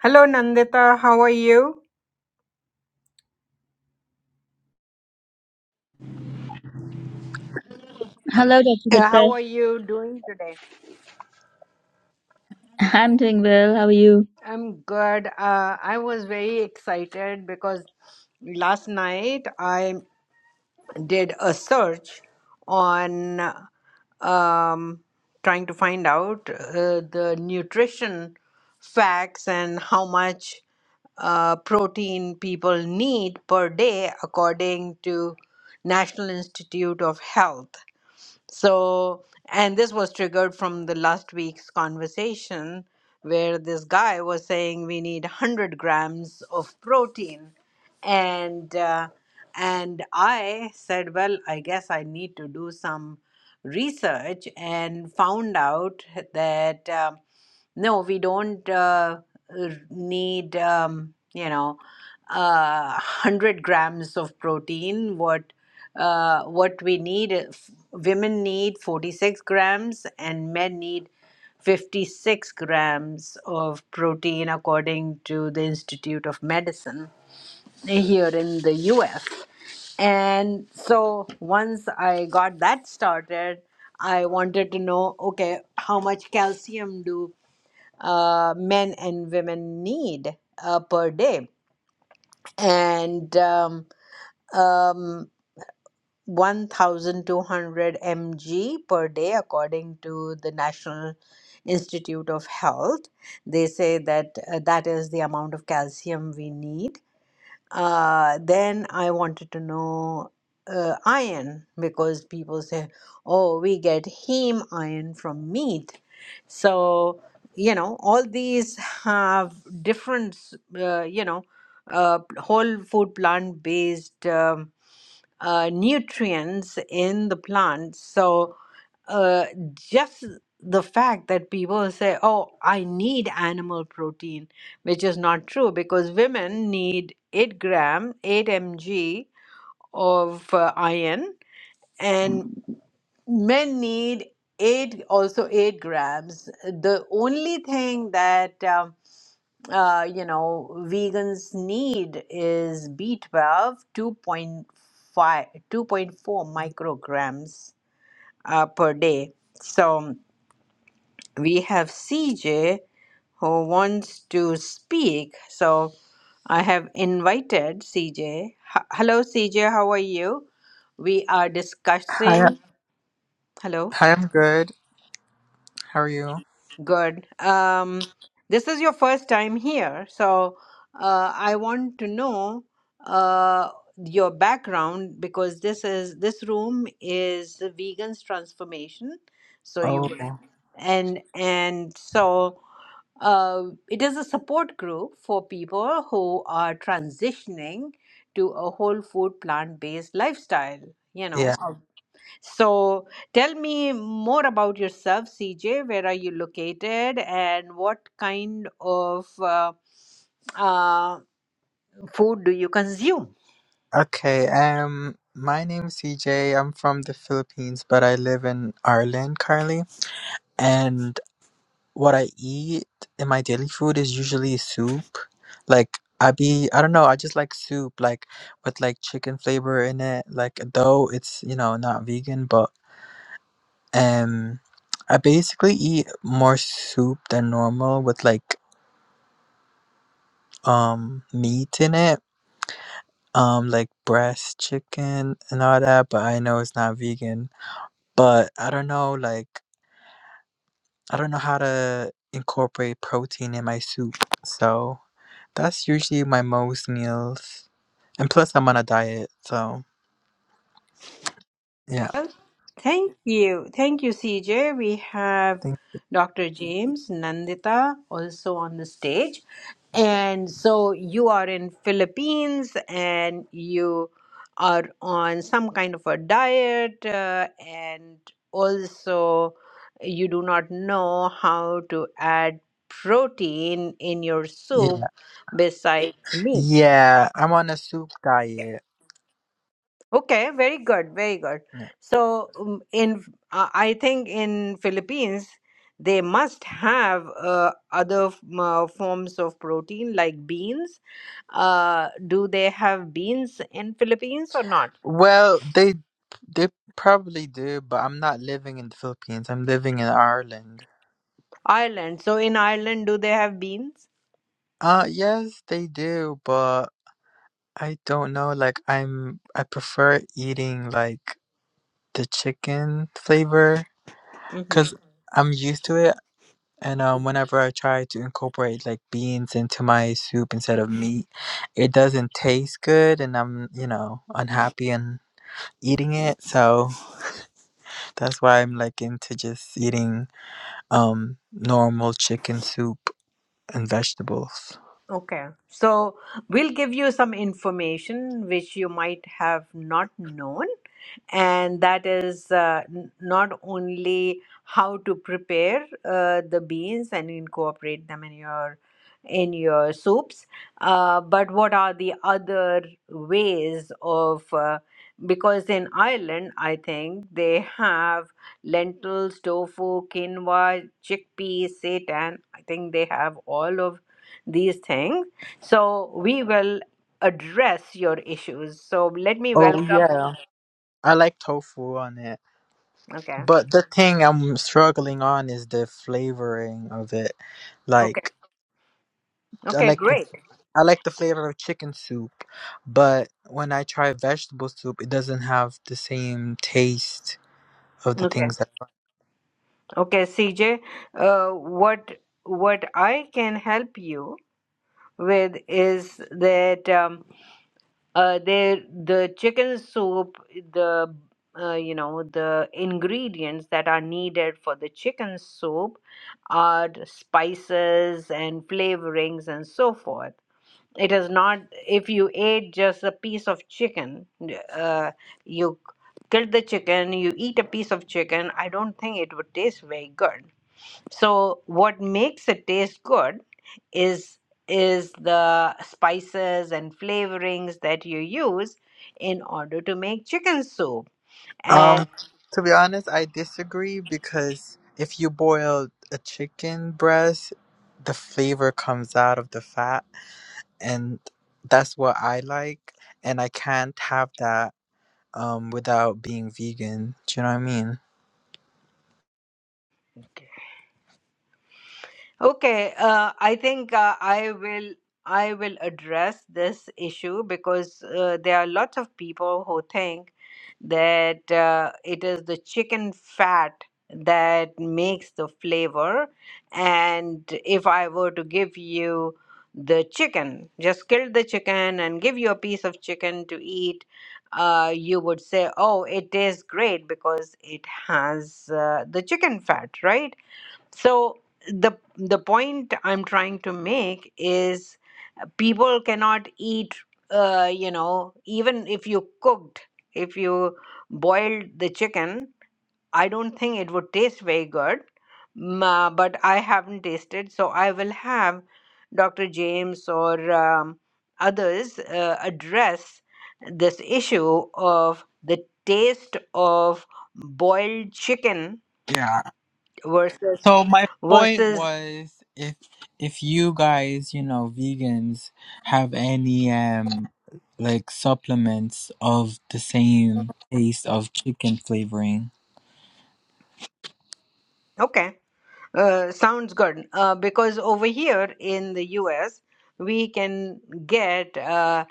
Hello, Nandita. How are you? Hello, Dr. Uh, Gupta. How are you doing today? I'm doing well. How are you? I'm good. Uh, I was very excited because last night I did a search on um, trying to find out uh, the nutrition facts and how much uh, protein people need per day according to National Institute of Health. So, and this was triggered from the last week's conversation where this guy was saying we need 100 grams of protein. And, uh, and I said, well, I guess I need to do some research and found out that um no, we don't uh, r- need, um, you know, uh, 100 grams of protein. What uh, what we need if women need 46 grams and men need 56 grams of protein according to the institute of medicine here in the us and so once i got that started i wanted to know okay how much calcium do uh, men and women need uh, per day and um, um, 1200 mg per day according to the national institute of health they say that uh, that is the amount of calcium we need uh, then i wanted to know uh, iron because people say oh we get heme iron from meat so you know all these have different uh, you know uh, whole food plant based Um, uh, nutrients in the plants. So uh, just the fact that people say, "Oh, I need animal protein," which is not true because women need eight gram, eight mg of uh, iron, and men need eight also eight grams. The only thing that um, uh, you know, vegans need is b twelve two point five two point four micrograms uh, per day. So we have CJ who wants to speak. So I have invited CJ. Hello, CJ, how are you? We are Hi, discussing. Hello. hi, I'm good. How are you? Good. Um, this is your first time here, so uh, I want to know uh, your background because this is this room is the vegans transformation. So you Oh, would, Mhm. and and so uh, it is a support group for people who are transitioning to a whole food plant based lifestyle. You yeah. know, so tell me more about yourself, CJ. Where are you located, and what kind of uh, uh, food do you consume? Okay. Um, my name is CJ. I'm from the Philippines, but I live in Ireland currently. And what I eat in my daily food is usually soup. Like I be, I don't know. I just like soup, like with like chicken flavor in it. Like though it's you know not vegan, but um, I basically eat more soup than normal with like um meat in it um like breast chicken and all that, but I know it's not vegan. But I don't know like I don't know how to incorporate protein in my soup. So that's usually my most meals. And plus I'm on a diet, so yeah. Well, thank you. Thank you, CJ. We have Thank- Dr. James Nandita also on the stage. And so you are in Philippines and you are on some kind of a diet uh, and also you do not know how to add protein in your soup Yeah. besides meat. Yeah, I'm on a soup Yeah. diet. Okay, very good, very good. Yeah. So um, in uh, I think in Philippines they must have uh, other f- uh, forms of protein like beans uh, do they have beans in Philippines or not? Well, they they probably do, but I'm not living in the Philippines. I'm living in Ireland. Ireland. So in Ireland, do they have beans? Uh yes, they do, but I don't know. Like I'm, I prefer eating like the chicken flavor hmm because I'm used to it. And um, whenever I try to incorporate like beans into my soup instead of meat, it doesn't taste good, and I'm, you know, unhappy and eating it. So that's why I'm like into just eating um normal chicken soup and vegetables. Okay. So we'll give you some information which you might have not known. and that is uh, n- not only how to prepare uh, the beans and incorporate them in your in your soups uh, but what are the other ways of uh, because in Ireland I think they have lentils tofu quinoa chickpeas seitan I think they have all of these things so we will address your issues so let me Oh welcome yeah, I like tofu on it. okay But the thing I'm struggling on is the flavoring of it. okay. Like I Okay, like the great. I like the flavor of chicken soup, but when I try vegetable soup, it doesn't have the same taste of the Okay. things that. Okay, CJ, uh, what what I can help you with is that um, uh, the the chicken soup, the uh, you know the ingredients that are needed for the chicken soup are spices and flavorings and so forth. it is not if you ate just a piece of chicken uh, you kill the chicken you eat a piece of chicken i don't think it would taste very good so what makes it taste good is is the spices and flavorings that you use in order to make chicken soup and Um, to be honest, I disagree because if you boil a chicken breast, the flavor comes out of the fat, and that's what I like. And I can't have that um without being vegan. Do you know what I mean? okay uh, i think uh, i will I will address this issue because uh, there are lots of people who think that uh, it is the chicken fat that makes the flavor. And if I were to give you the chicken, just kill the chicken and give you a piece of chicken to eat, uh, you would say, oh, it tastes great because it has uh, the chicken fat, right? So the the point I'm trying to make is uh, people cannot eat uh, you know even if you cooked if you boiled the chicken I don't think it would taste very good ma- but I haven't tasted so I will have Dr. James or um, others uh, address this issue of the taste of boiled chicken Yeah. versus So my point versus was if if you guys, you know, vegans have any um like supplements of the same taste of chicken flavoring. Okay, uh, sounds good. Uh, because over here in the US, we can get uh,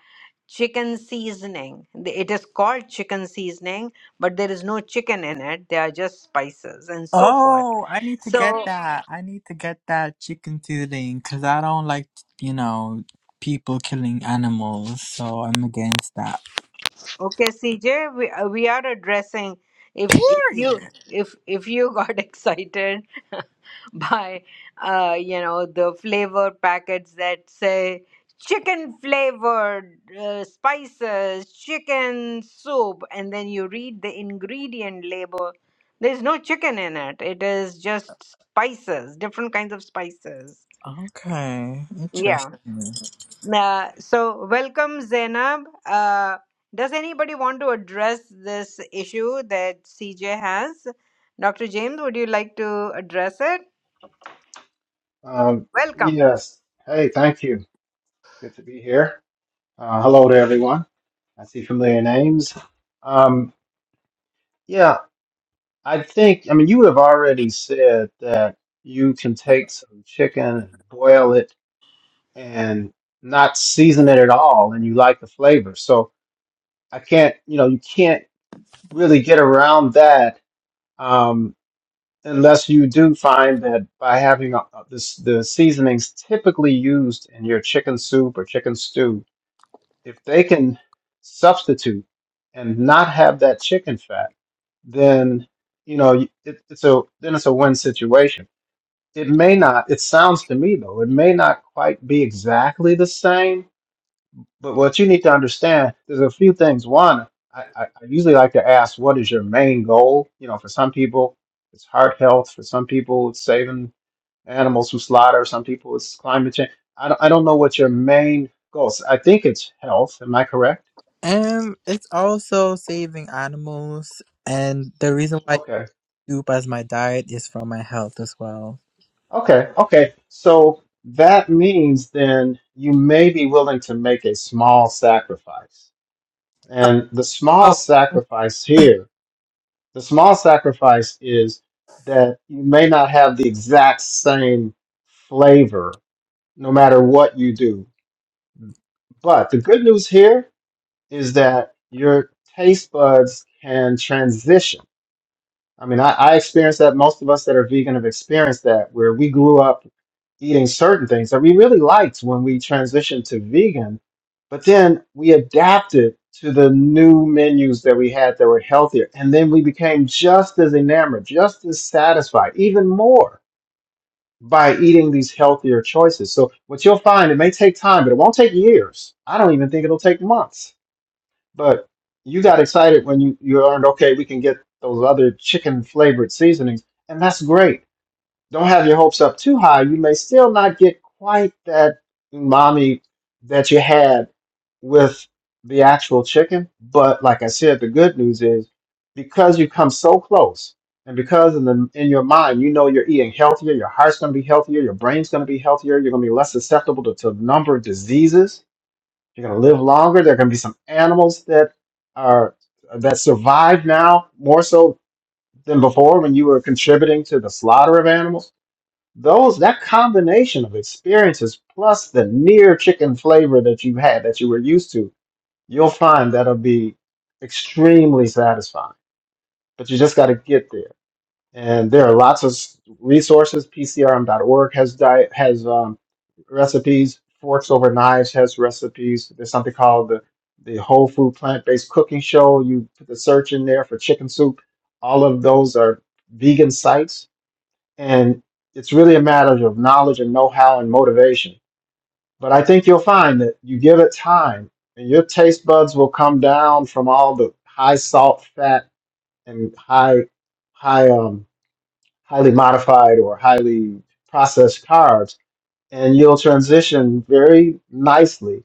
chicken seasoning. The- It is called chicken seasoning, but there is no chicken in it. They are just spices and so forth. Oh, I need to get So, that. I need to get that chicken tooting cuz I don't like, you know, people killing animals. So I'm against that. okay, CJ, we, uh, we are addressing. If, if you Period. if if you got excited by uh, you know the flavor packets that say chicken flavored uh, spices chicken soup and then you read the ingredient label there's no chicken in it it is just spices different kinds of spices Okay. yeah Interesting. uh, so welcome zainab uh, does anybody want to address this issue that cj has dr james would you like to address it Um, welcome yes. Hey, thank you. Good to be here. Uh, hello to everyone. I see familiar names. Um, yeah, I think, I mean, you have already said that you can take some chicken and boil it and not season it at all, and you like the flavor. So I can't, you know, you can't really get around that um, unless you do find that by having a, a- this, the seasonings typically used in your chicken soup or chicken stew if they can substitute and not have that chicken fat, then you know it, it's a then it's a win situation. It may not. It sounds to me though, it may not quite be exactly the same. But what you need to understand, there's a few things. One, I, I, I usually like to ask, what is your main goal? You know, for some people, it's heart health. For some people, it's saving animals from slaughter. Some people, it's climate change. I don't, I don't know what your main goals. I think it's health. Am I correct? Um, it's also saving animals, and the reason why I Okay. do as my diet is for my health as well. Okay. Okay. So that means then you may be willing to make a small sacrifice. And the small Oh, sacrifice here, the small sacrifice is that you may not have the exact same flavor no matter what you do. But the good news here is that your taste buds can transition I mean, I, I experienced that. Most of us that are vegan have experienced that, where we grew up eating certain things that we really liked when we transitioned to vegan, but then we adapted to the new menus that we had that were healthier. And then we became just as enamored, just as satisfied, even more by eating these healthier choices. So, what you'll find, it may take time, but it won't take years. I don't even think it'll take months but you got excited when you, you learned, okay, we can get those other chicken flavored seasonings, and that's great. Don't have your hopes up too high. You may still not get quite that umami that you had with the actual chicken. But like I said, the good news is because you come so close, and because in the in your mind you know you're eating healthier, your heart's going to be healthier, your brain's going to be healthier, you're going to be less susceptible to, to a number of diseases you are going to live longer. There are going to be some animals that are that survive now more so than before when you were contributing to the slaughter of animals. Those that combination of experiences plus the near chicken flavor that you had that you were used to, you'll find that'll be extremely satisfying. But you just got to get there and there are lots of s- resources. PCRM.org has di- has um, recipes. Forks Over Knives has recipes. There's something called the the Whole Food Plant Based Cooking Show. You put the search in there for chicken soup. All of those are vegan sites, and it's really a matter of knowledge and know how and motivation. But I think you'll find that you give it time, and your taste buds will come down from all the high salt, fat, and high high um, highly modified or highly processed carbs, and you'll transition very nicely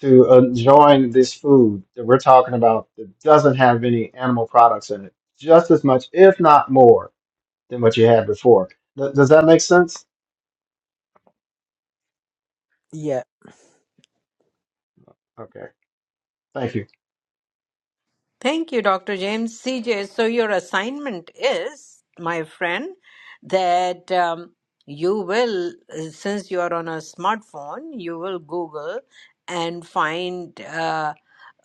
to enjoying this food that we're talking about that doesn't have any animal products in it, just as much, if not more, than what you had before. Th- does that make sense? yeah. Okay, thank you. Thank you, Dr. James. CJ, so your assignment is, my friend, that um, you will, since you are on a smartphone, you will Google and find. uh,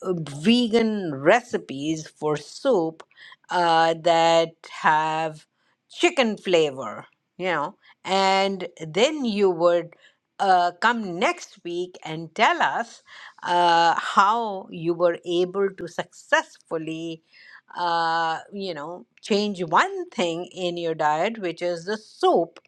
uh, vegan recipes for soup uh, that have chicken flavor, you know, and then you would uh, come next week and tell us uh, how you were able to successfully, uh, you know, change one thing in your diet, which is the soup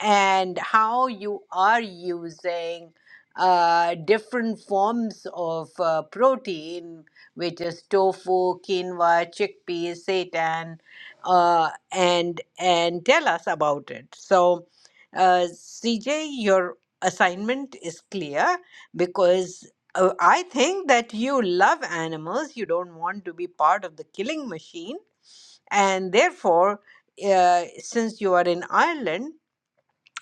and how you are using uh, different forms of uh, protein, which is tofu, quinoa, chickpeas, seitan, uh, and and tell us about it. So, uh, CJ, your assignment is clear because. uh, I think that you love animals. You don't want to be part of the killing machine. And therefore, uh, since you are in Ireland,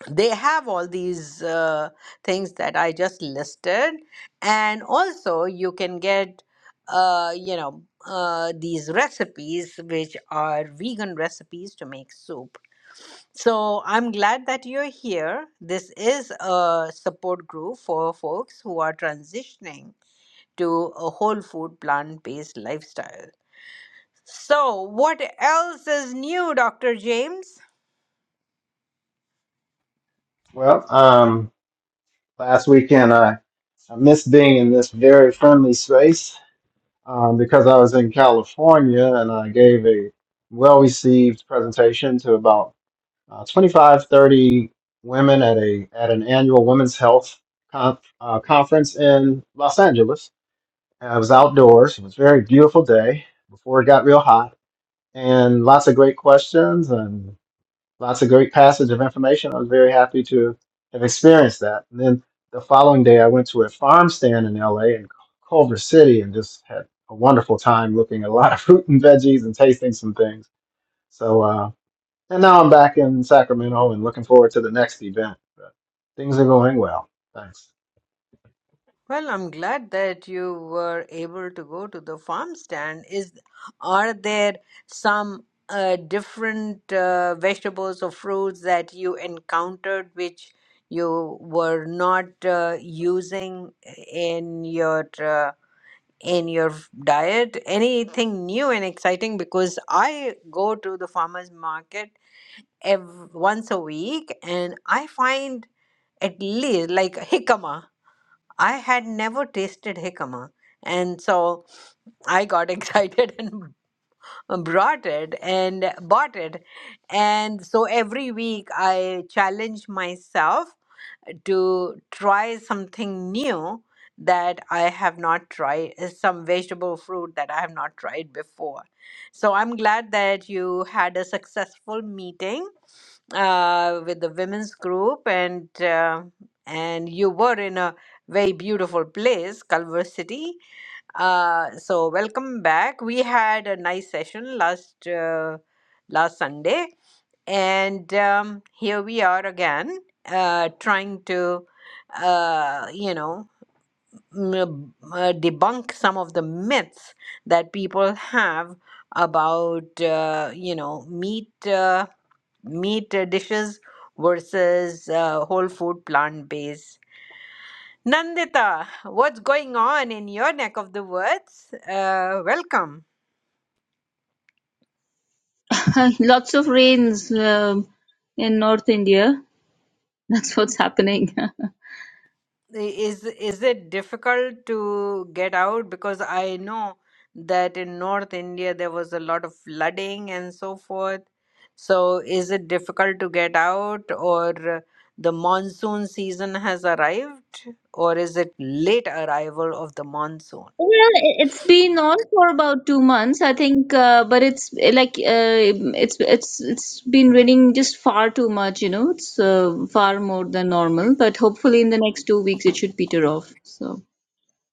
they have all these uh, things that I just listed, and also you can get, uh, you know, uh, these recipes which are vegan recipes to make soup. So I'm glad that you're here. This is a support group for folks who are transitioning to a whole food plant based lifestyle. So, what else is new, Dr. James? Well, um, last weekend I, I missed being in this very friendly space um, because I was in California and I gave a well received presentation to about uh, 25, 30 women at a at an annual women's health conf, uh, conference in Los Angeles. And I was outdoors. It was a very beautiful day before it got real hot, and lots of great questions and lots of great passage of information. I was very happy to have experienced that. And then the following day, I went to a farm stand in LA in Culver City and just had a wonderful time looking at a lot of fruit and veggies and tasting some things. So. Uh, and now I'm back in Sacramento and looking forward to the next event. But things are going well. Thanks. Well, I'm glad that you were able to go to the farm stand. Is are there some uh, different uh, vegetables or fruits that you encountered which you were not uh, using in your uh, in your diet? Anything new and exciting? Because I go to the farmers market ev once a week, and I find at least like jicama. I had never tasted jicama, and so I got excited and brought it and bought it. And so every week I challenge myself to try something new that I have not tried, uh, some vegetable fruit that I have not tried before. So I'm glad that you had a successful meeting uh, with the women's group, and uh, and you were in a very beautiful place, Culver City. Uh, so welcome back. We had a nice session last uh, last Sunday, and um, here we are again, uh, trying to uh, you know m- uh, debunk some of the myths that people have about uh, you know meat uh, meat uh, dishes versus uh, whole food plant based. Nandita, what's going on in your neck of the woods? Uh, welcome. Lots of rains um, in North India. That's what's happening. Is is it difficult to get out? Because I know that in North India there was a lot of flooding and so forth. So is it difficult to get out, or the monsoon season has arrived, or is it late arrival of the monsoon? Well, i- it's been on for about two months, I think, uh, but it's uh, like uh, it's it's it's been raining just far too much, you know. It's uh, far more than normal, but hopefully in the next two weeks it should peter off. So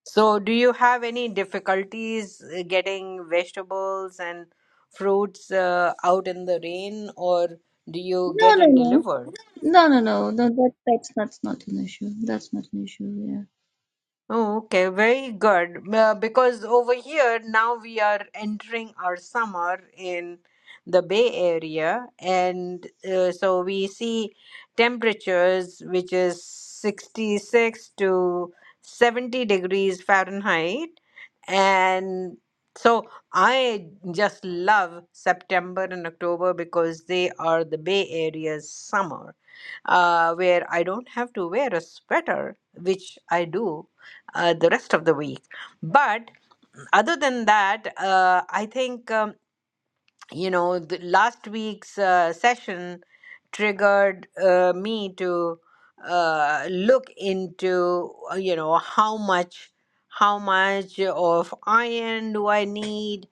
So do you have any difficulties uh, getting vegetables and fruits uh, out in the rain, or do you no, get no, it no, delivered? no, no, no, no. That that's that's not an issue. That's not an issue. Oh, okay, very good. Uh, because over here now we are entering our summer in the Bay Area, and uh, so we see temperatures which is 66 to 70 degrees Fahrenheit. And so I just love September and October because they are the Bay Area's summer uh, where I don't have to wear a sweater, which I do uh, the rest of the week. But other than that, uh, I think. Um, you know, the last week's uh, session triggered uh, me to uh, look into, uh, you know, how much, how much of iron do I need?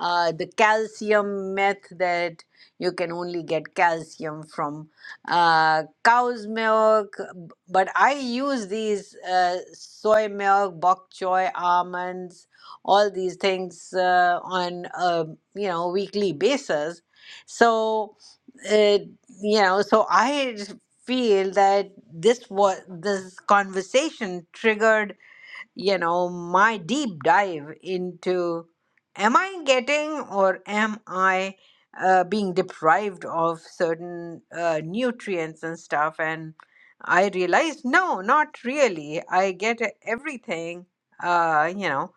Uh, the calcium myth that you can only get calcium from uh, cow's milk, but I use these uh, soy milk, bok choy, almonds all these things uh, on a you know weekly basis so uh, you know so i just feel that this was this conversation triggered you know my deep dive into am i getting or am i uh, being deprived of certain uh, nutrients and stuff and i realized no not really i get everything uh, you know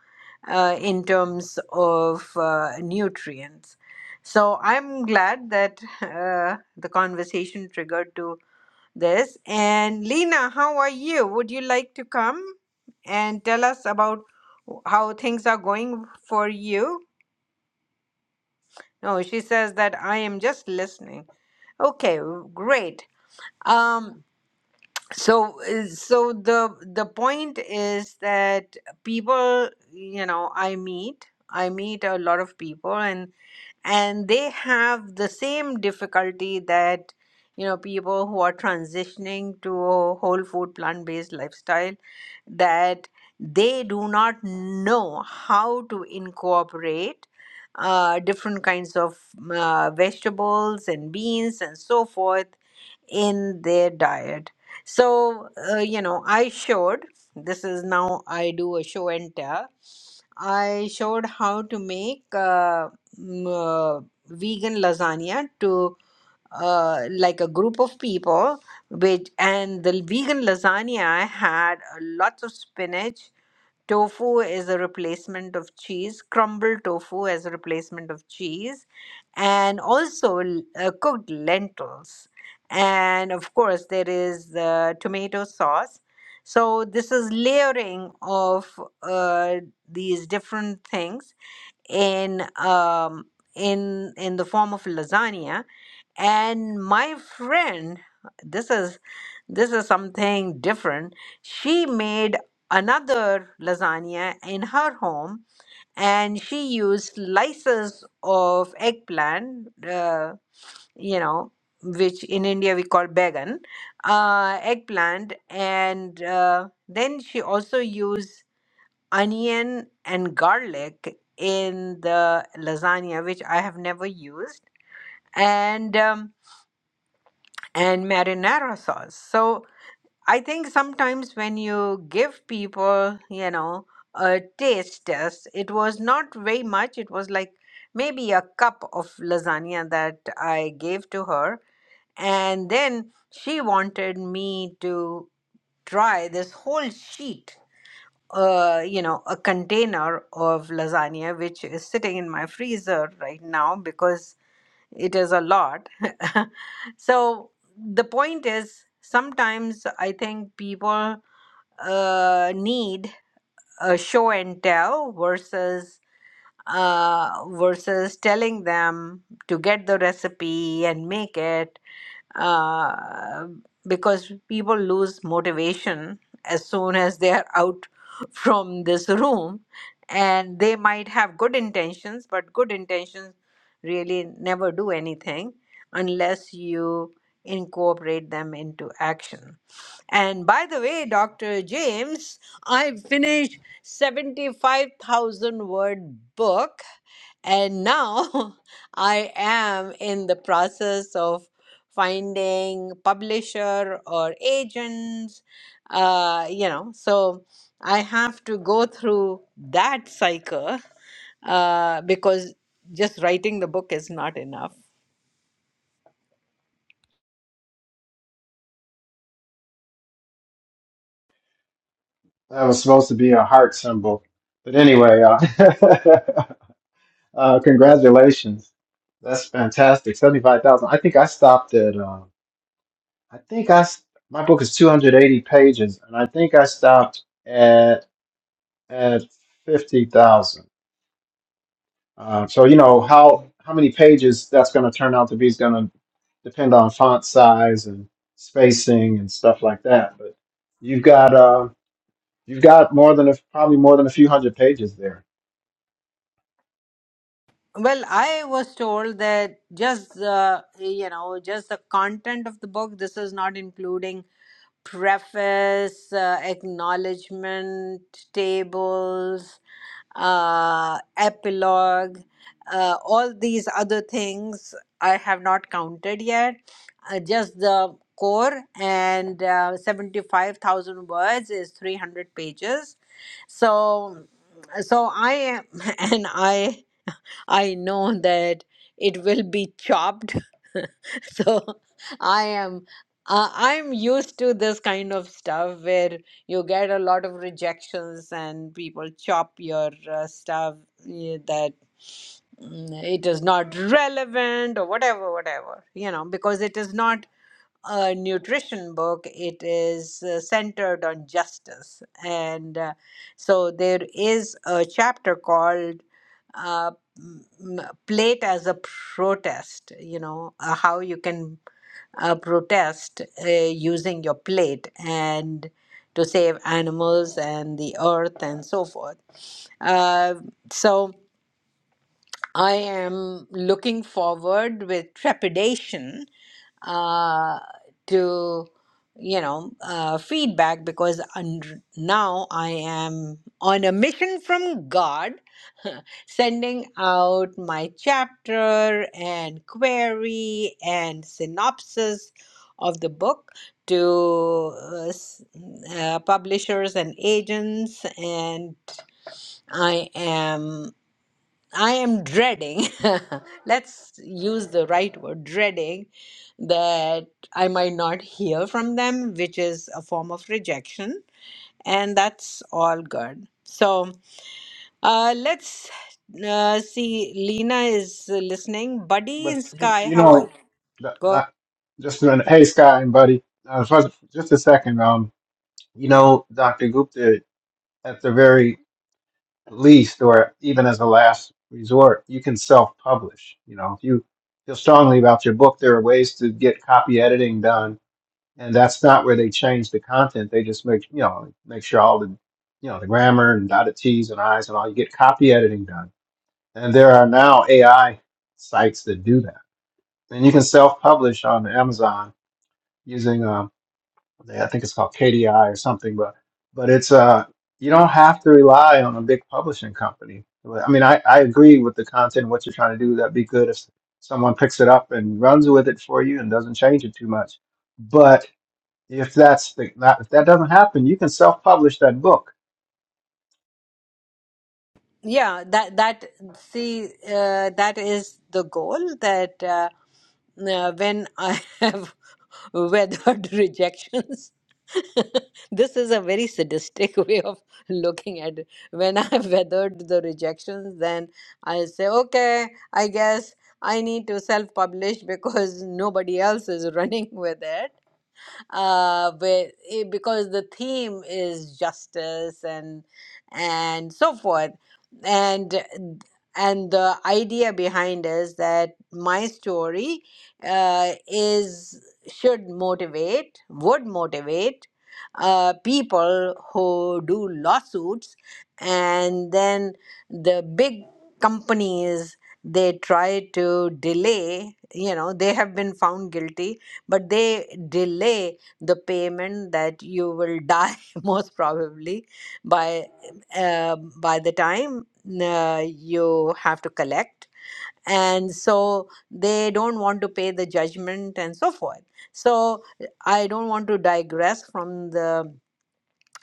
uh, in terms of uh, nutrients. So I'm glad that uh, the conversation triggered to this. And Lena, how are you? Would you like to come and tell us about how things are going for you? No, she says that I am just listening. Okay, great. Um, so uh, so the the point is that people you know i meet i meet a lot of people and and they have the same difficulty that you know people who are transitioning to a whole food plant based lifestyle that they do not know how to incorporate uh, different kinds of uh, vegetables and beans and so forth in their diet. So, uh, you know, I showed this is now I do a show and tell. I showed how to make uh, m- uh, vegan lasagna to uh, like a group of people, which and the vegan lasagna had uh, lots of spinach tofu is a replacement of cheese crumbled tofu as a replacement of cheese and also l- uh, cooked lentils and of course there is the tomato sauce so this is layering of uh, these different things in um, in in the form of lasagna and my friend this is this is something different she made another lasagna in her home and she used slices of eggplant uh, you know which in india we call bagan uh, eggplant and uh, then she also used onion and garlic in the lasagna which i have never used and um, and marinara sauce. So I think sometimes when you give people, you know, a taste test, it was not very much. It was like maybe a cup of lasagna that I gave to her. And then she wanted me to try this whole sheet, uh, you know, a container of lasagna, which is sitting in my freezer right now because it is a lot. so the point is, sometimes I think people uh, need a show and tell versus uh, versus telling them to get the recipe and make it uh, because people lose motivation as soon as they are out from this room and they might have good intentions but good intentions really never do anything unless you incorporate them into action and by the way dr james i finished 75000 word book and now I am in the process of finding publisher or agents, uh, you know, so I have to go through that cycle uh, because just writing the book is not enough. That was supposed to be a heart symbol. But anyway, uh, uh, congratulations. That's fantastic. 75,000. I think I stopped at, uh, I think I, s- my book is 280 pages and I think I stopped at, at 50,000. Uh, so you know how how many pages that's going to turn out to be is going to depend on font size and spacing and stuff like that. But you've got uh, you've got more than a, probably more than a few hundred pages there. Well, I was told that just the, you know, just the content of the book, this is not including preface, uh, acknowledgement tables, uh, epilogue, uh, all these other things I have not counted yet. Uh, just the core and uh, 75,000 words is 300 pages. So, so I am, and I I know that it will be chopped. so I am uh, I'm used to this kind of stuff where you get a lot of rejections and people chop your uh, stuff eh, that mm, it is not relevant or whatever whatever you know because it is not a nutrition book, it is uh, centered on justice. And uh, so there is a chapter called uh, m- m- Plate as a Protest, you know, uh, how you can uh, protest uh, using your plate and to save animals and the earth and so forth. Uh, so I am looking forward with trepidation uh, to you know uh, feedback because un- now I am on a mission from God, sending out my chapter and query and synopsis of the book to uh, s- uh, publishers and agents and I am. I am dreading, let's use the right word, dreading that I might not hear from them, which is a form of rejection, and that's all good. So uh, let's uh, see. Lena is listening. Buddy But and you, Sky, you how are you? know, that, Go. that, just a minute. Hey, Scott and Buddy, uh, first, just a second. Um, you know, Doctor Gupta at the very at least, or even as a last resort, you can self-publish. You know, if you feel strongly about your book, there are ways to get copy editing done, and that's not where they change the content. They just make you know make sure all the you know the grammar and dotted t's and i's and all. You get copy editing done, and there are now AI sites that do that, and you can self-publish on Amazon using. um, I think it's called KDI or something, but but it's uh you don't have to rely on a big publishing company. I mean, I, I agree with the content, what you're trying to do. That'd be good if someone picks it up and runs with it for you and doesn't change it too much. But if that's the, that, if that doesn't happen, you can self-publish that book. Yeah, that that see uh, that is the goal that. Uh, uh, when I have weathered rejections. this is a very sadistic way of looking at it. When I have weathered the rejections, then I say, okay, I guess I need to self publish because nobody else is running with it uh, but it, because the theme is justice and and so forth, and and the idea behind is that my story uh, is should motivate, would motivate uh, people who do lawsuits, and then the big companies they try to delay you know they have been found guilty but they delay the payment that you will die most probably by uh, by the time uh, you have to collect and so they don't want to pay the judgment and so forth so i don't want to digress from the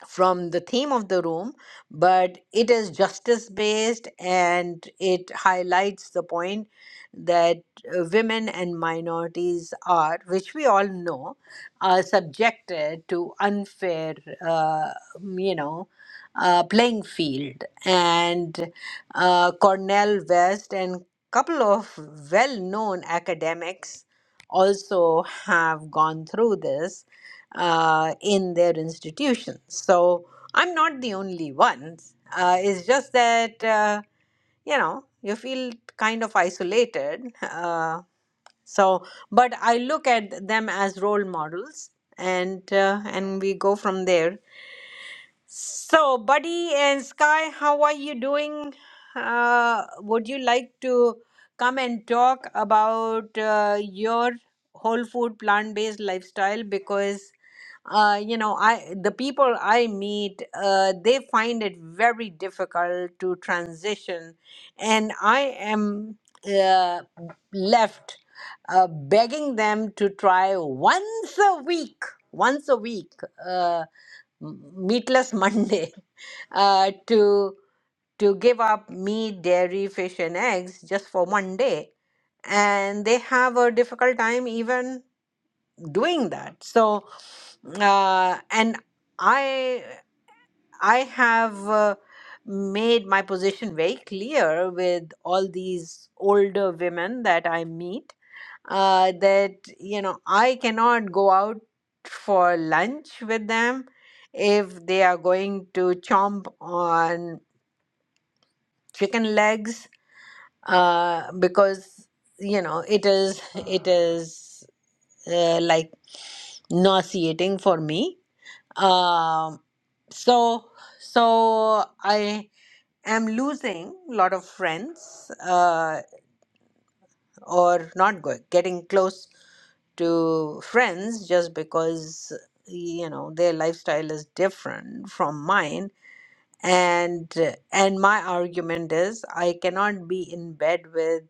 from the theme of the room, but it is justice based and it highlights the point that uh, women and minorities are, which we all know, are subjected to unfair, uh, you know. Uh, playing field and uh, Cornell West and couple of well-known academics also have gone through this uh, in their institutions. So I'm not the only one. Uh, it's just that, uh, you know, you feel kind of isolated. Uh, so, but I look at them as role models and uh, and we go from there so, Buddy and Sky, how are you doing? Uh, would you like to come and talk about uh, your whole food plant-based lifestyle? Because uh, you know, I the people I meet, uh, they find it very difficult to transition, and I am uh, left uh, begging them to try once a week, once a week. uh, m- meatless Monday uh, to to give up meat, dairy, fish, and eggs just for one day, and they have a difficult time even doing that. So, uh, and I I have uh, made my position very clear with all these older women that I meet uh, that you know I cannot go out for lunch with them if they are going to chomp on chicken legs uh, because you know it is it is uh, like nauseating for me. Um, so so I am losing a lot of friends uh, or not go- getting close to friends just because you know their lifestyle is different from mine and and my argument is i cannot be in bed with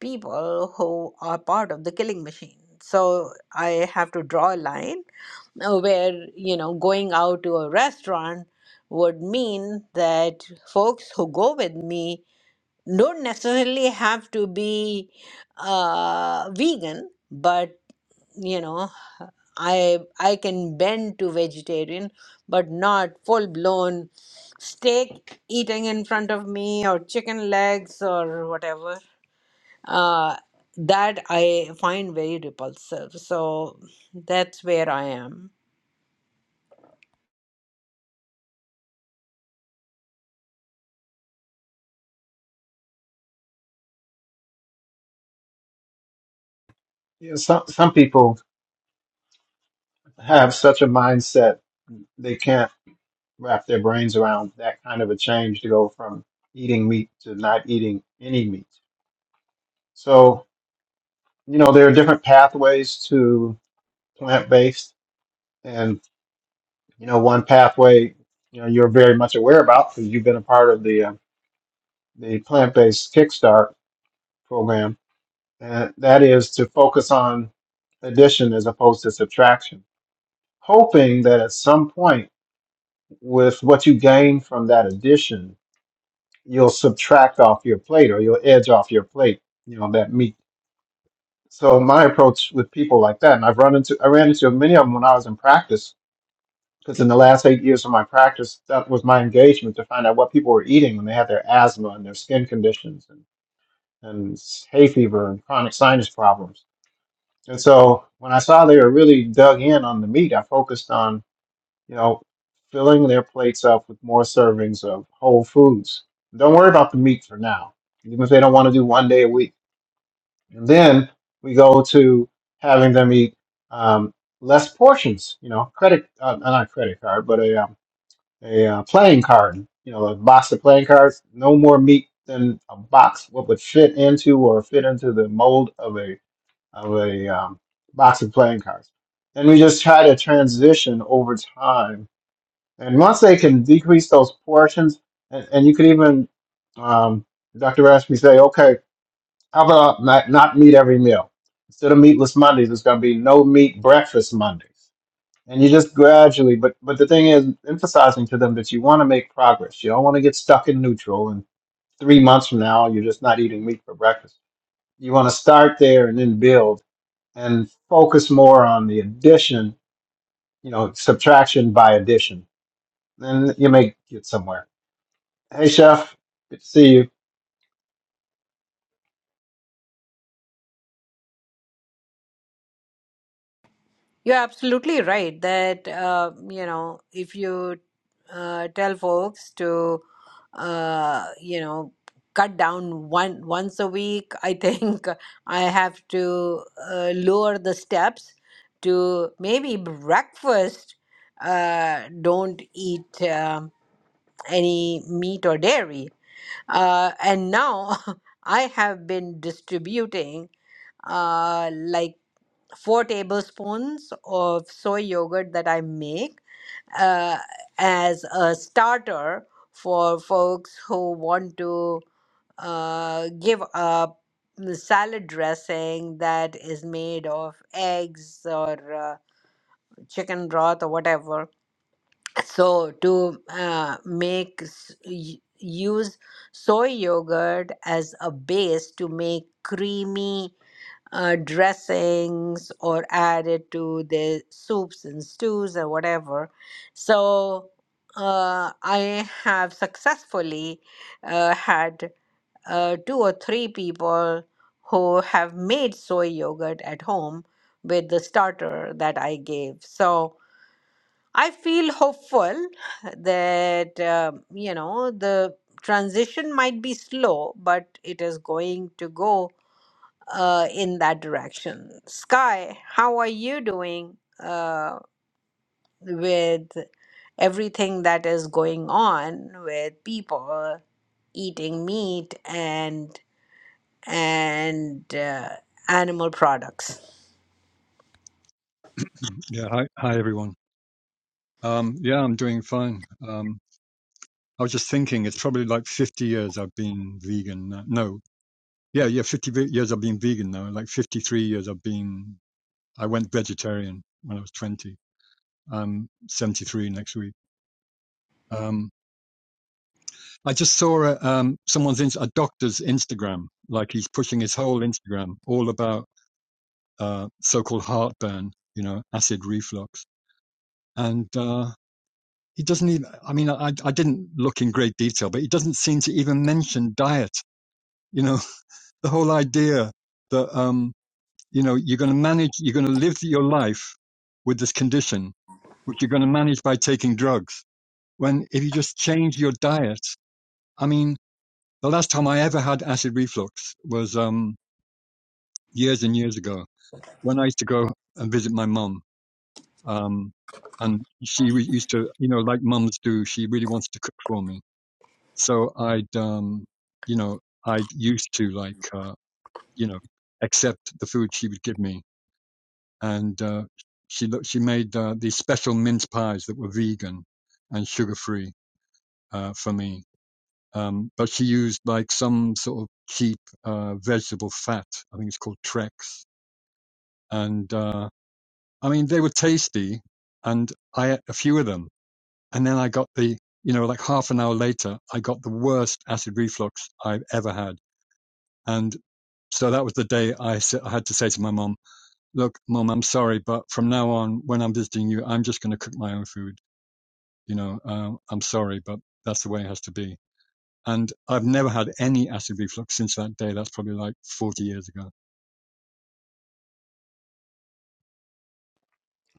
people who are part of the killing machine so i have to draw a line uh, where you know going out to a restaurant would mean that folks who go with me don't necessarily have to be uh, vegan, but you know, I I can bend to vegetarian, but not full blown steak eating in front of me or chicken legs or whatever. Uh, that I find very repulsive. So that's where I am. You know, some some people have such a mindset they can't wrap their brains around that kind of a change to go from eating meat to not eating any meat. So you know, there are different pathways to plant-based, and you know, one pathway, you know, you're very much aware about because you've been a part of the uh, the plant-based Kickstart program, and that is to focus on addition as opposed to subtraction, hoping that at some point, with what you gain from that addition, you'll subtract off your plate or you'll edge off your plate, you know, that meat. So my approach with people like that, and I've run into, I ran into many of them when I was in practice Because in the last eight years of my practice, that was my engagement to find out what people were eating when they had their asthma and their skin conditions and, and hay fever and chronic sinus problems. And so when I saw they were really dug in on the meat, I focused on, you know, filling their plates up with more servings of whole foods. Don't worry about the meat for now, even if they don't want to do one day a week. And then we go to having them eat um, less portions, you know, credit, uh, not credit card, but a uh, a uh, playing card, you know, a box of playing cards, no more meat than a box what would fit into or fit into the mold of a of a um, box of playing cards. And we just try to transition over time. And once they can decrease those portions, and, and you could even, um, Dr. Rashmi say, okay, how about not, not meat every meal? Instead of meatless Mondays, it's going to be no meat breakfast Mondays and you just gradually but but the thing is emphasizing to them that you want to make progress you don't want to get stuck in neutral and three months from now you're just not eating meat for breakfast you want to start there and then build and focus more on the addition you know subtraction by addition then you may get somewhere hey chef good to see you You're absolutely right that uh, you know if you uh, tell folks to uh, you know cut down one once a week, I think I have to uh, lower the steps to maybe breakfast. Uh, don't eat um any meat or dairy. Uh, and now I have been distributing uh, like four tablespoons of soy yogurt that I make uh, as a starter for folks who want to uh, give up the salad dressing that is made of eggs or uh, chicken broth or whatever. So to uh, make s- y- use soy yogurt as a base to make creamy uh, dressings or added to the soups and stews or whatever. So uh, I have successfully uh, had uh, two or three people who have made soy yogurt at home with the starter that I gave. So I feel hopeful that, uh, you know, the transition might be slow, but it is going to go uh, in that direction. Sky, how are you doing uh, with everything that is going on with people eating meat and and uh, animal products?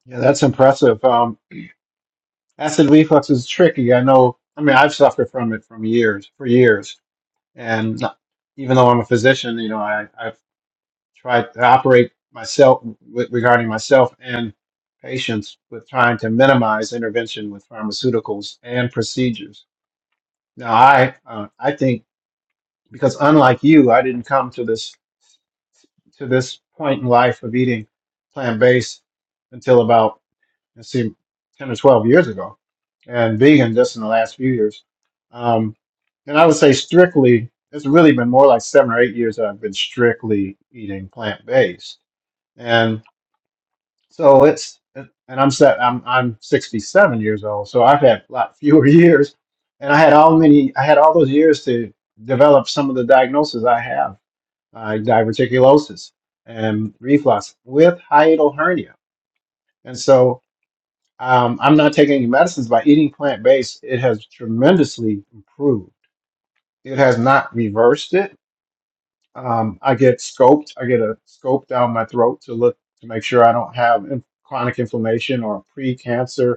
yeah that's impressive um, acid reflux is tricky i know i mean i've suffered from it from years for years and even though i'm a physician you know i, I try to operate myself with, regarding myself and patients with trying to minimize intervention with pharmaceuticals and procedures. Now, I uh, I think because unlike you, I didn't come to this to this point in life of eating plant based until about let's see, ten or twelve years ago, and vegan just in the last few years. Um, and I would say strictly, it's really been more like seven or eight years that I've been strictly eating plant based. and. So it's and I'm set. I'm I'm 67 years old, so I've had a lot fewer years, and I had all many. I had all those years to develop some of the diagnoses I have, like diverticulosis and reflux with hiatal hernia. And so um, I'm not taking any medicines. By eating plant based, it has tremendously improved. It has not reversed it. Um, I get scoped. I get a scope down my throat to look to make sure I don't have in- chronic inflammation or pre-cancer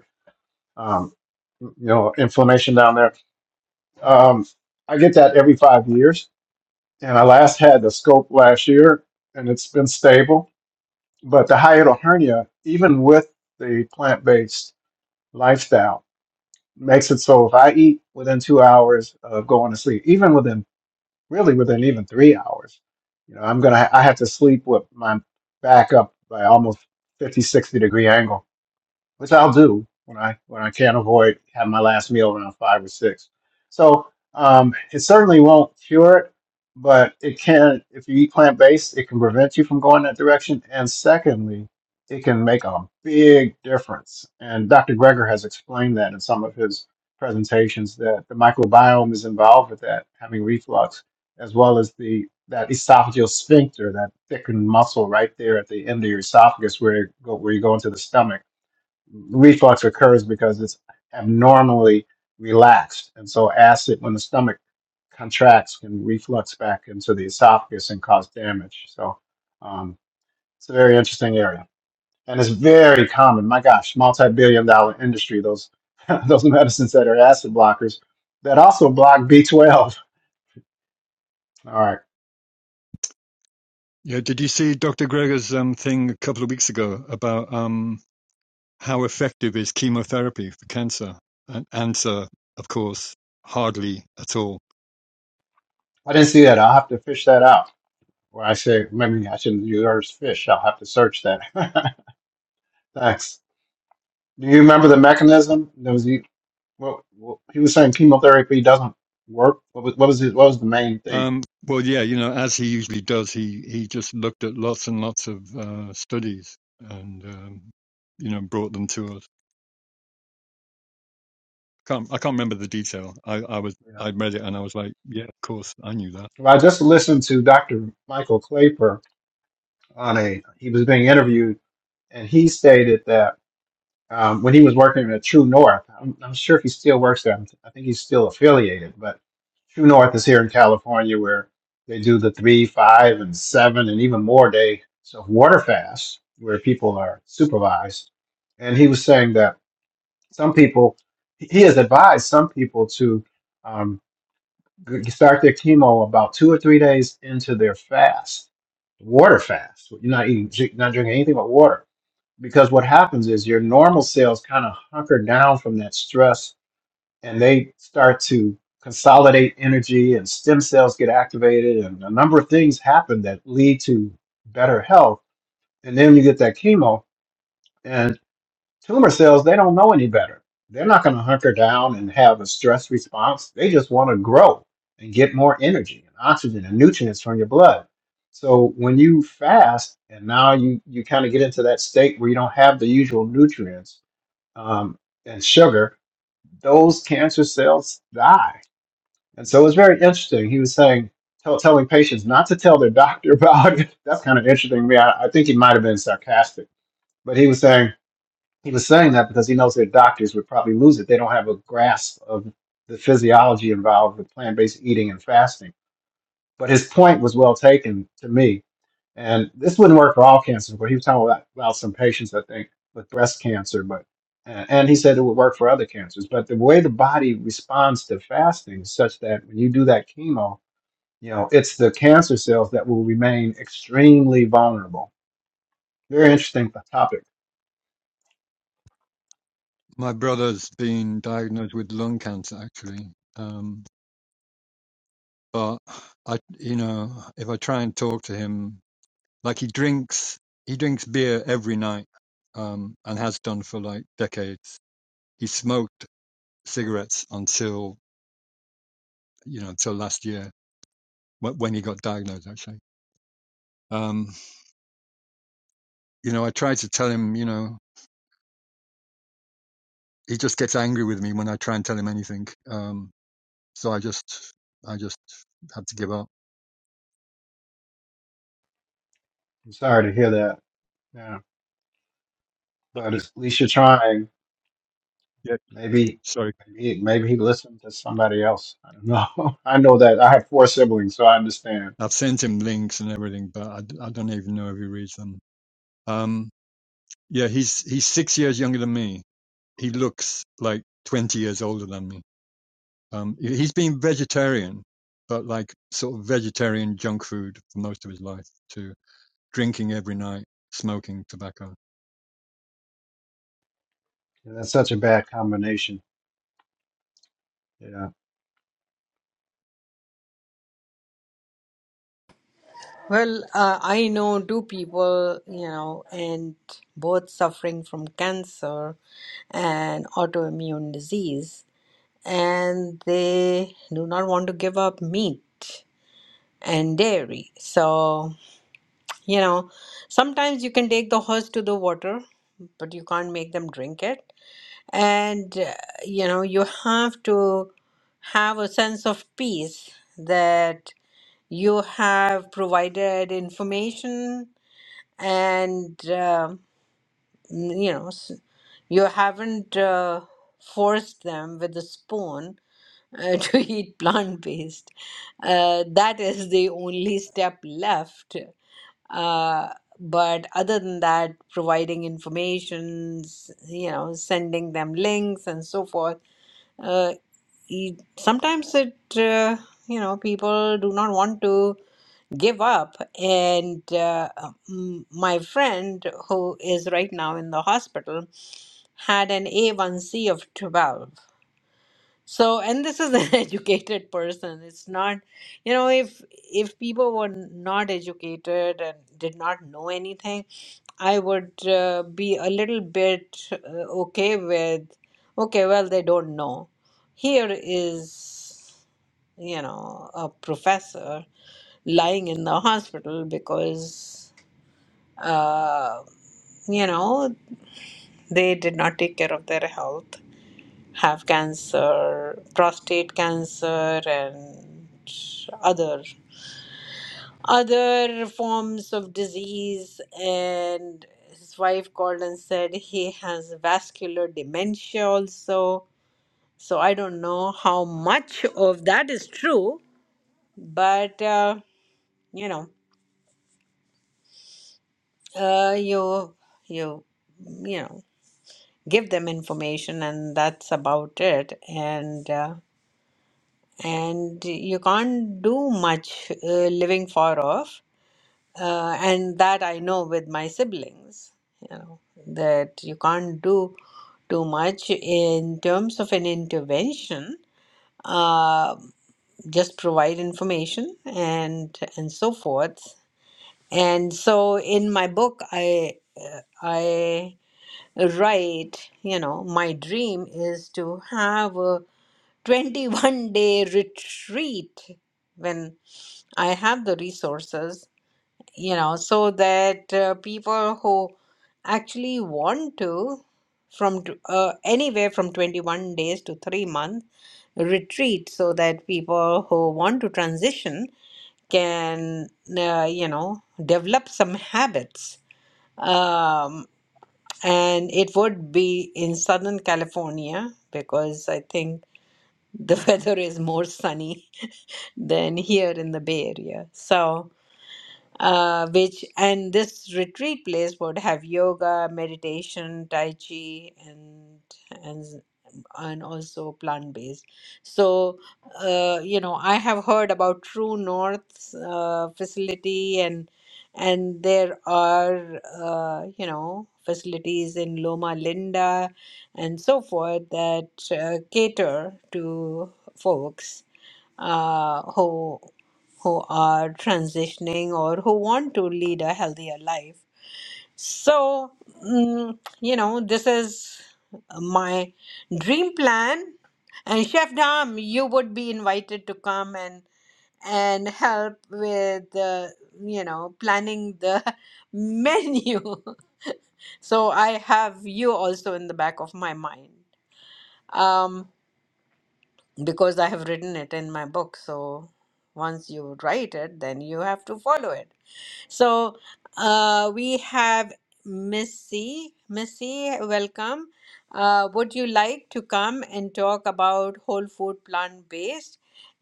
um, you know, inflammation down there. Um, I get that every five years, and I last had the scope last year, and it's been stable. But the hiatal hernia, even with the plant-based lifestyle, makes it so if I eat within two hours of going to sleep, even within really within even three hours, you know, I'm gonna I have to sleep with my back up by almost 50 60 degree angle which I'll do when I when I can't avoid having my last meal around five or six. So um, it certainly won't cure it, but it can. If you eat plant based, it can prevent you from going that direction. And secondly, it can make a big difference. And Dr. Greger has explained that in some of his presentations that the microbiome is involved with that, having reflux, as well as the that esophageal sphincter, that thickened muscle right there at the end of your esophagus where it go, where you go into the stomach reflux occurs because it's abnormally relaxed. And so, acid, when the stomach contracts, can reflux back into the esophagus and cause damage. So, um, it's a very interesting area. And it's very common. My gosh, multi billion dollar industry, those, those medicines that are acid blockers that also block B12. All right. I didn't see that. I'll have to fish that out. Or I say, maybe I shouldn't use fish. I'll have to search that. Thanks. Do you remember the mechanism? There was Well, well, he was saying chemotherapy doesn't work. What was what was his, what was the main thing? You know, well, I just listened to Dr. Michael Claper on a he was being interviewed, and he stated that um, when he was working at True North, I'm, I'm sure he still works there. I think he's still affiliated, but True North is here in California where they do the three, five, and seven, and even more day so water fasts where people are supervised. And he was saying that Some people, he has advised some people to um, g- start their chemo about two or three days into their fast, water fast. You're not eating, drink- not drinking anything but water, because what happens is your normal cells kind of hunker down from that stress, and they start to consolidate energy, and stem cells get activated, and a number of things happen that lead to better health. And then you get that chemo, Tumor cells, they don't know any better. They're not going to hunker down and have a stress response. They just want to grow and get more energy and oxygen and nutrients from your blood. So when you fast and now you, you kind of get into that state where you don't have the usual nutrients um, and sugar, those cancer cells die. And so it's very interesting. He was saying, tell, telling patients not to tell their doctor about it. That's kind of interesting to me. I, I think he might have been sarcastic, but he was saying, he was saying that because he knows their doctors would probably lose it. They don't have a grasp of the physiology involved with plant based eating and fasting. But his point was well taken to me. And this wouldn't work for all cancers, but he was talking about, about some patients, I think, with breast cancer. But and and he said it would work for other cancers. But the way the body responds to fasting is such that when you do that chemo, you know, it's the cancer cells that will remain extremely vulnerable. Very interesting topic. I'm sorry to hear that. Yeah. But at least you're trying. Maybe, maybe, maybe he listened to somebody else. I don't know. I know that I have four siblings, so I understand. And that's such a bad combination. Yeah. Well, uh, I know two people, you know, and both suffering from cancer and autoimmune disease, and they do not want to give up meat and dairy. So You know, sometimes you can take the horse to the water, but you can't make them drink it. And, uh, you know, you have to have a sense of peace that you have provided information and, um, you know, s- you haven't uh, forced them with a spoon uh, to eat plant-based. Uh, that is the only step left uh, but other than that, providing informations, you know, sending them links and so forth. Uh, e- sometimes it, uh, you know, people do not want to give up. And uh, m- my friend, who is right now in the hospital, had an A1C of 12 so, and this is an educated person. It's not, you know, if if people were not educated and did not know anything, I would uh, be a little bit uh, okay with, okay, well, they don't know. Here is, you know, a professor lying in the hospital because, uh, you know, they did not take care of their health have cancer, prostate cancer, and other other forms of disease. And his wife called and said he has vascular dementia also. So I don't know how much of that is true, but uh, you know, uh, you you you know, give them information, and that's about it. And uh, and you can't do much uh, living far off uh, and that i know with my siblings you know that you can't do too much in terms of an intervention uh, just provide information and and so forth and so in my book i i write you know my dream is to have a 21 day retreat when I have the resources, you know, so that uh, people who actually want to, from t- uh, anywhere from 21 days to three month retreat, so that people who want to transition can, uh, you know, develop some habits. Um, and it would be in Southern California because I think the weather is more sunny than here in the Bay Area. So, uh, which and this retreat place would have yoga, meditation, tai chi, and and and also plant based. So, uh, you know, I have heard about True North's uh, facility, and and there are uh, you know facilities in Loma Linda and so forth that uh, cater to folks uh, who are transitioning or who want to lead a healthier life. So, mm, you know, this is my dream plan. And Chef Dam, you would be invited to come and and help with uh, you know planning the menu. so I have you also in the back of my mind um, because I have written it in my book. So once you write it, then you have to follow it. So uh, we have Missy. Missy, welcome. Uh, would you like to come and talk about whole food plant based?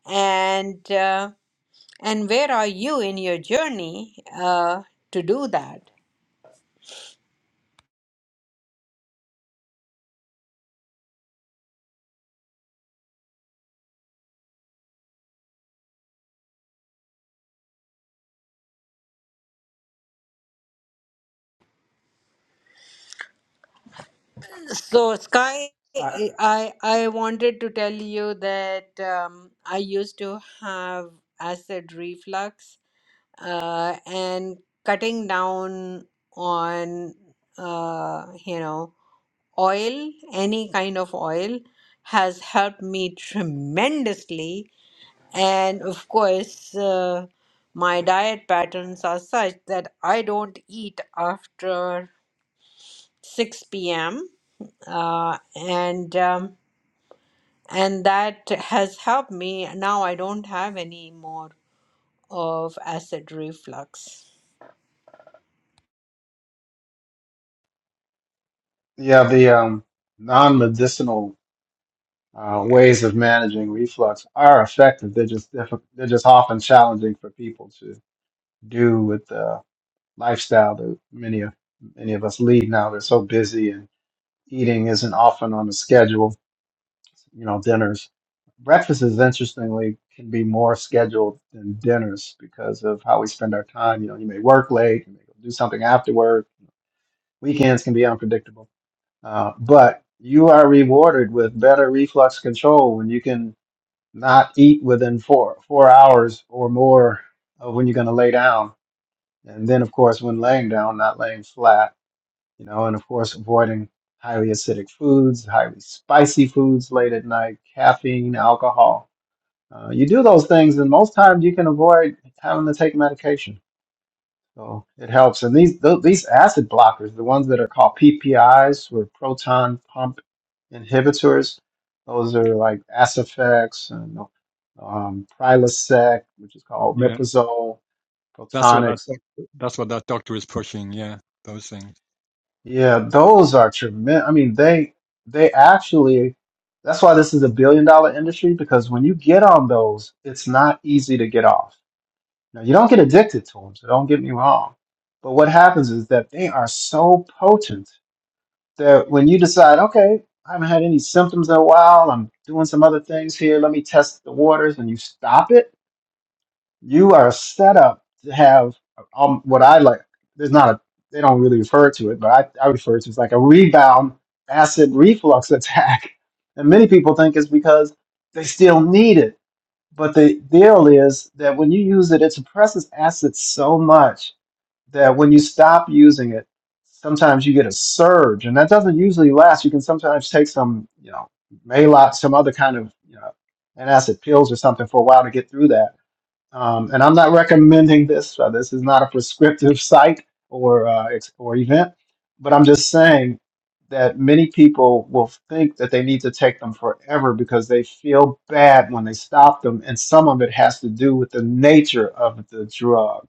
And uh, and where are you in your journey uh, to do that? So Sky, I, I I wanted to tell you that um, I used to have acid reflux uh, and cutting down on uh, you know oil any kind of oil has helped me tremendously and of course uh, my diet patterns are such that i don't eat after 6 p.m uh, and um, and that has helped me now i don't have any more of acid reflux yeah. The um, non-medicinal uh, ways of managing reflux are effective. They're just diffi- they're just often challenging for people to do with the lifestyle that many of many of us lead now. They're so busy and eating isn't often on the schedule you know, dinners. Breakfasts, interestingly, can be more scheduled than dinners because of how we spend our time. You know, you may work late, you may go do something after work. Weekends can be unpredictable, uh, but you are rewarded with better reflux control when you can not eat within four four hours or more of when you're going to lay down, and then of course when laying down, not laying flat. You know, and of course avoiding highly acidic foods, highly spicy foods late at night, caffeine, alcohol uh, you do those things, and most times you can avoid having to take medication. So it helps. And these th- these acid blockers, the ones that are called PPIs or proton pump inhibitors, those are like Asifex and um, Prilosec, which is called Omeprazole, Protonix. Yeah, those are tremendous. I mean, they they actually. That's why this is a billion dollar industry because when you get on those, it's not easy to get off Now, you don't get addicted to them, so don't get me wrong. But what happens is that they are so potent that when you decide, okay, I haven't had any symptoms in a while, I'm doing some other things here, let me test the waters, and you stop it, you are set up to have um, what I like. There's not a, they don't really refer to it, but I, I refer to it as like a rebound acid reflux attack. And many people think it's because they still need it but the deal is that when you use it, it suppresses acids so much that when you stop using it, sometimes you get a surge, and that doesn't usually last. You can sometimes take some, you know, Maalox, some other kind of, you know, antacid pills or something for a while to get through that. Um, and I'm not recommending this. Uh, this is not a prescriptive site or uh, ex- or event, but I'm just saying that many people will think that they need to take them forever because they feel bad when they stop them, and some of it has to do with the nature of the drug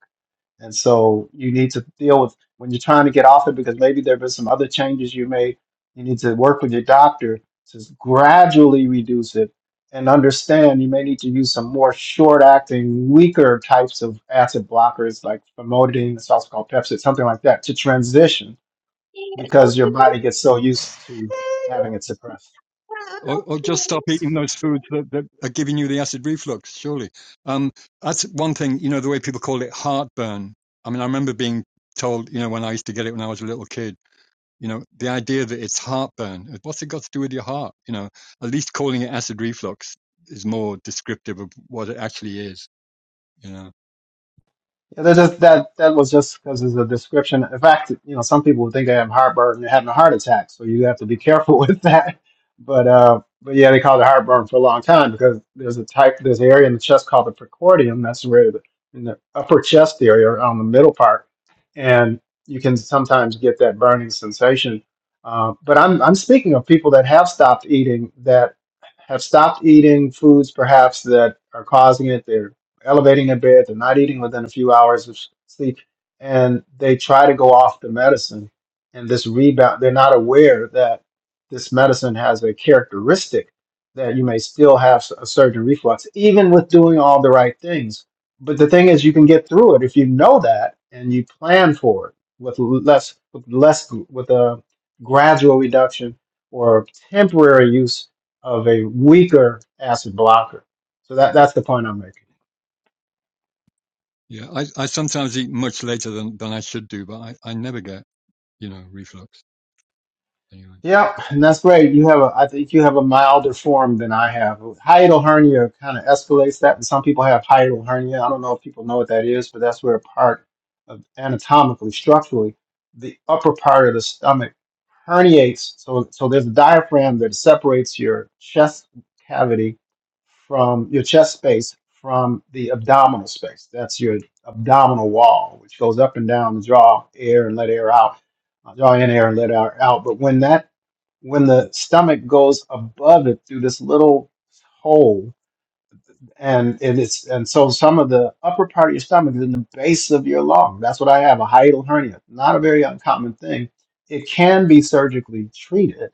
and so you need to deal with when you're trying to get off it because maybe there have been some other changes you made. You need to work with your doctor to gradually reduce it and understand you may need to use some more short acting, weaker types of acid blockers like famotidine, it's also called Pepsid, something like that, to transition because your Doctor. body gets so used to having it suppressed. doctor, doctor. Yeah, that just that that was just because it's a description. In fact, you know, some people would think they have heartburn and they're having a heart attack, so you have to be careful with that. But uh, but yeah, they called it heartburn for a long time because there's a type, there's an area in the chest called the precordium. That's where the, in the upper chest area, around the middle part, and you can sometimes get that burning sensation. Uh, but I'm I'm speaking of people that have stopped eating, that have stopped eating foods perhaps that are causing it elevating in bed, they're not eating within a few hours of sleep, and they try to go off the medicine. And this rebound, they're not aware that this medicine has a characteristic that you may still have a surge in reflux, even with doing all the right things. But the thing is, you can get through it if you know that and you plan for it with less, with less, with a gradual reduction or temporary use of a weaker acid blocker. So that, that's the point I'm making. Yep, and that's great. You have a, I think you have a milder form than I have. Hiatal hernia kind of escalates that, and some people have hiatal hernia. I don't know if people know what that is, but that's where a part of anatomically, structurally, the upper part of the stomach herniates. So, so there's a diaphragm that separates your chest cavity from your chest space from the abdominal space. That's your abdominal wall, which goes up and down to draw air and let air out uh, draw in air and let air out. But when that when the stomach goes above it through this little hole and it is and so some of the upper part of your stomach is in the base of your lung that's what i have a hiatal hernia not a very uncommon thing it can be surgically treated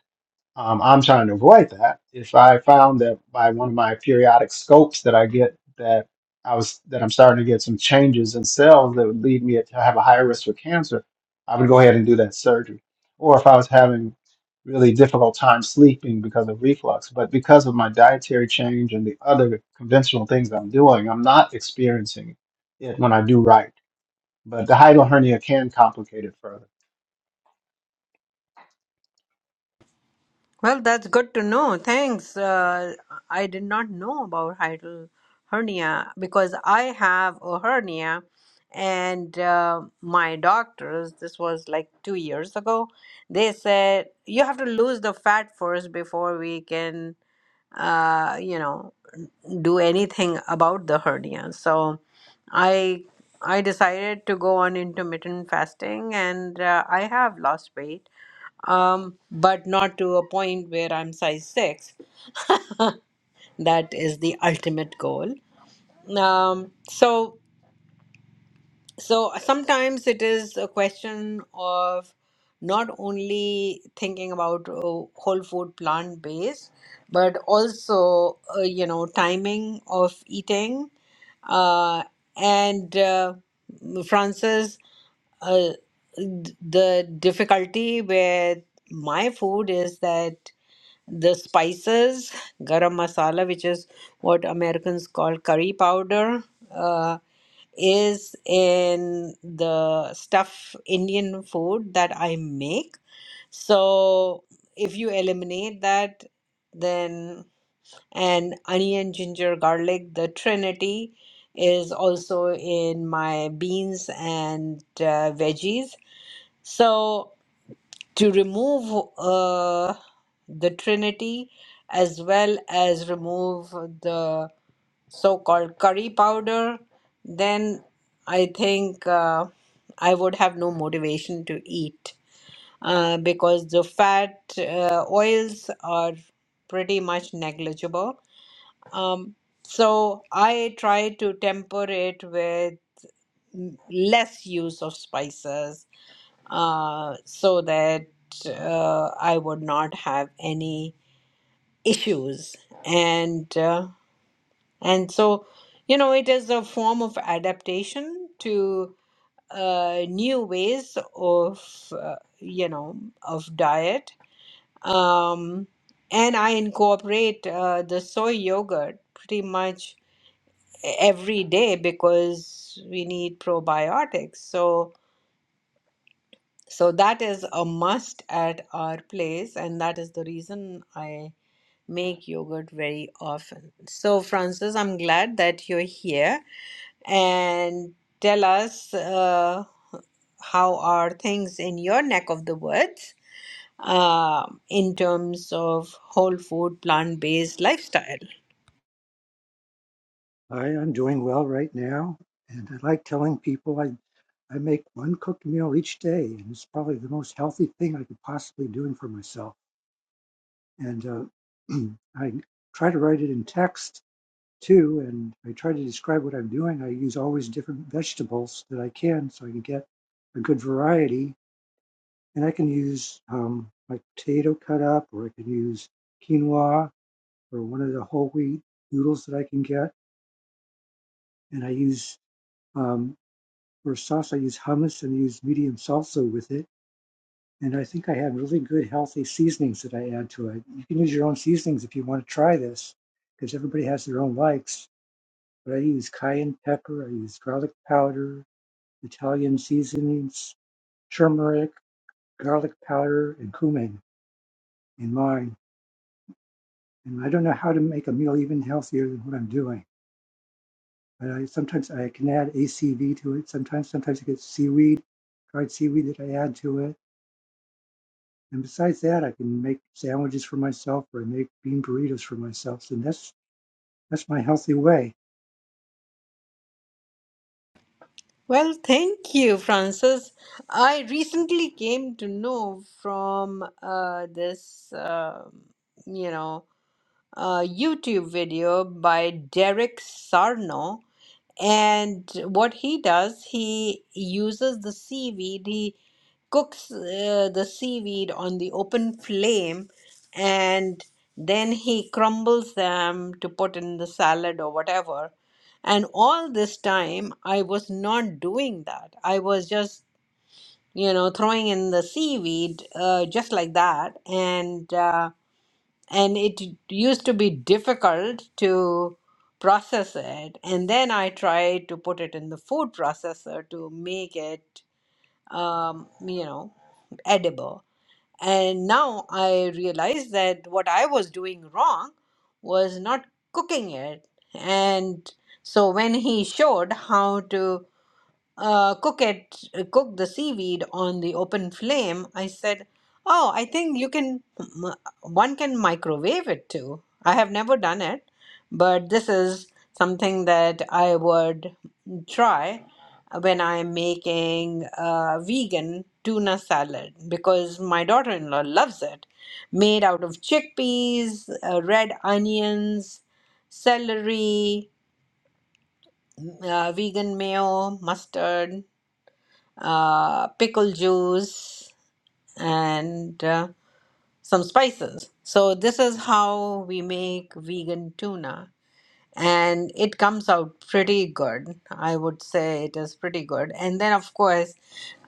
um, I'm trying to avoid that. If I found that by one of my periodic scopes that I get that I was that I'm starting to get some changes in cells that would lead me to have a higher risk for cancer, I would go ahead and do that surgery. Or if I was having really difficult time sleeping because of reflux, but because of my dietary change and the other conventional things I'm doing, I'm not experiencing it when I do right. But the hiatal hernia can complicate it further. Well, that's good to know. Thanks. Uh, I did not know about hiatal hernia because I have a hernia, and uh, my doctors, this was like two years ago, they said you have to lose the fat first before we can, uh, you know, do anything about the hernia. So, I I decided to go on intermittent fasting, and uh, I have lost weight um, but not to a point where I'm size six. that is the ultimate goal. Um, so, so sometimes it is a question of not only thinking about uh, whole food plant based, but also uh, you know timing of eating. Uh, and uh, Francis, uh, th- the difficulty with my food is that the spices, garam masala, which is what Americans call curry powder, uh, is in the stuff Indian food that I make. So if you eliminate that, then and onion, ginger, garlic, the trinity is also in my beans and uh, veggies. So to remove uh, the Trinity as well as remove the so called curry powder, then I think uh, I would have no motivation to eat uh, because the fat uh, oils are pretty much negligible. Um, so I try to temper it with less use of spices uh, so that uh, I would not have any issues. And uh, and so, you know, it is a form of adaptation to uh, new ways of uh, you know of diet. Um, and I incorporate uh, the soy yogurt pretty much every day because we need probiotics. So So that is a must at our place, and that is the reason I make yogurt very often. So, Francis, I'm glad that you're here and tell us uh, how are things in your neck of the woods uh, in terms of whole food, plant-based lifestyle. Hi, I'm doing well right now, and I like telling people I I make one cooked meal each day, and it's probably the most healthy thing I could possibly doing for myself. And uh, I try to write it in text too, and I try to describe what I'm doing. I use always different vegetables that I can, so I can get a good variety. And I can use um, like potato cut up, or I can use quinoa, or one of the whole wheat noodles that I can get. And I use. um, for sauce, I use hummus and I use medium salsa with it. And I think I have really good, healthy seasonings that I add to it. You can use your own seasonings if you want to try this, because everybody has their own likes. But I use cayenne pepper, I use garlic powder, Italian seasonings, turmeric, garlic powder, and cumin in mine. And I don't know how to make a meal even healthier than what I'm doing. But I sometimes I can add ACV to it. Sometimes, sometimes I get seaweed, dried seaweed that I add to it And besides that, I can make sandwiches for myself or I make bean burritos for myself. And that's that's my healthy way. Well, thank you, Francis. I recently came to know from uh, this, um you know. uh, YouTube video by Derek Sarno. And what he does, he uses the seaweed, he cooks uh, the seaweed on the open flame, and then he crumbles them to put in the salad or whatever. And all this time, I was not doing that. I was just, you know, throwing in the seaweed uh, just like that. And uh, and it used to be difficult to process it and then i tried to put it in the food processor to make it um, you know edible and now i realized that what i was doing wrong was not cooking it and so when he showed how to uh, cook it, cook the seaweed on the open flame, I said, Oh, I think you can, m- one can microwave it too. I have never done it, but this is something that I would try when I'm making uh, vegan tuna salad because my daughter in law loves it. Made out of chickpeas, uh, red onions, celery, uh, vegan mayo, mustard uh, pickle juice, and uh, some spices. So, this is how we make vegan tuna. And it comes out pretty good. I would say it is pretty good. And then, of course,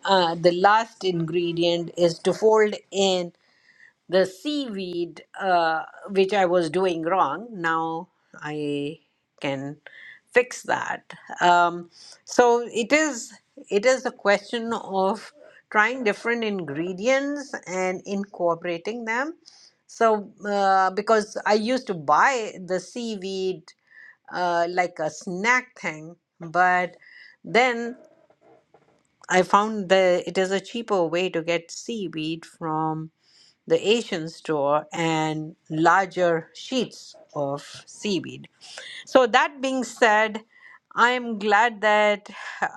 uh, the last ingredient is to fold in the seaweed, uh, which I was doing wrong. Now I can fix that. Um, so it is it is a question of trying different ingredients and incorporating them. So uh, because I used to buy the seaweed uh, like a snack thing, but then I found that it is a cheaper way to get seaweed from the Asian store and larger sheets of seaweed. So, that being said, I am glad that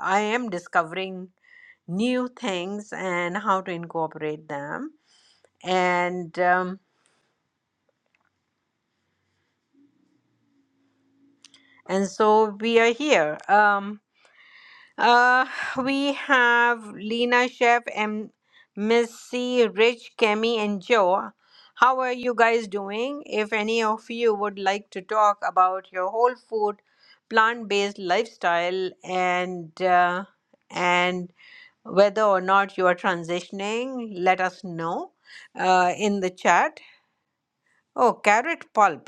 I am discovering new things and how to incorporate them. And um, and so we are here. Um, Uh, we have Lena Chef and Missy, Rich, Kemi, and Joe. How are you guys doing? If any of you would like to talk about your whole food, plant-based lifestyle, and uh, and whether or not you are transitioning, let us know uh, in the chat. Oh, carrot pulp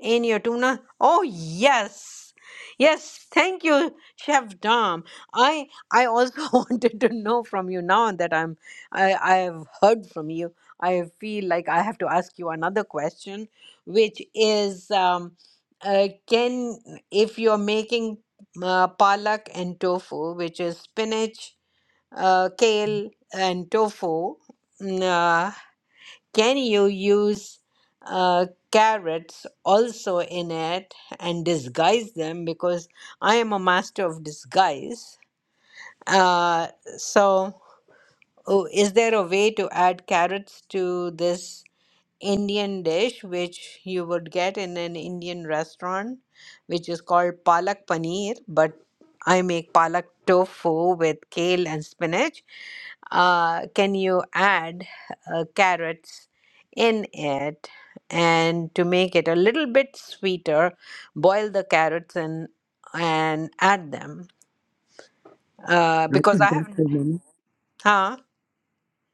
in your tuna. Oh yes, yes. Thank you, Chef Dom. I I also wanted to know from you now that I'm I I have heard from you. I feel like I have to ask you another question, which is, um, uh, can if you're making uh, palak and tofu, which is spinach, uh, kale, and tofu. mm, uh, can you use uh, carrots also in it and disguise them? Because I am a master of disguise. Uh, so, oh, is there a way to add carrots to this? Indian dish which you would get in an Indian restaurant, which is called palak paneer. But I make palak tofu with kale and spinach. Uh, can you add uh, carrots in it? And to make it a little bit sweeter, boil the carrots and and add them. Uh, And I because come I back haven't, for a moment. huh?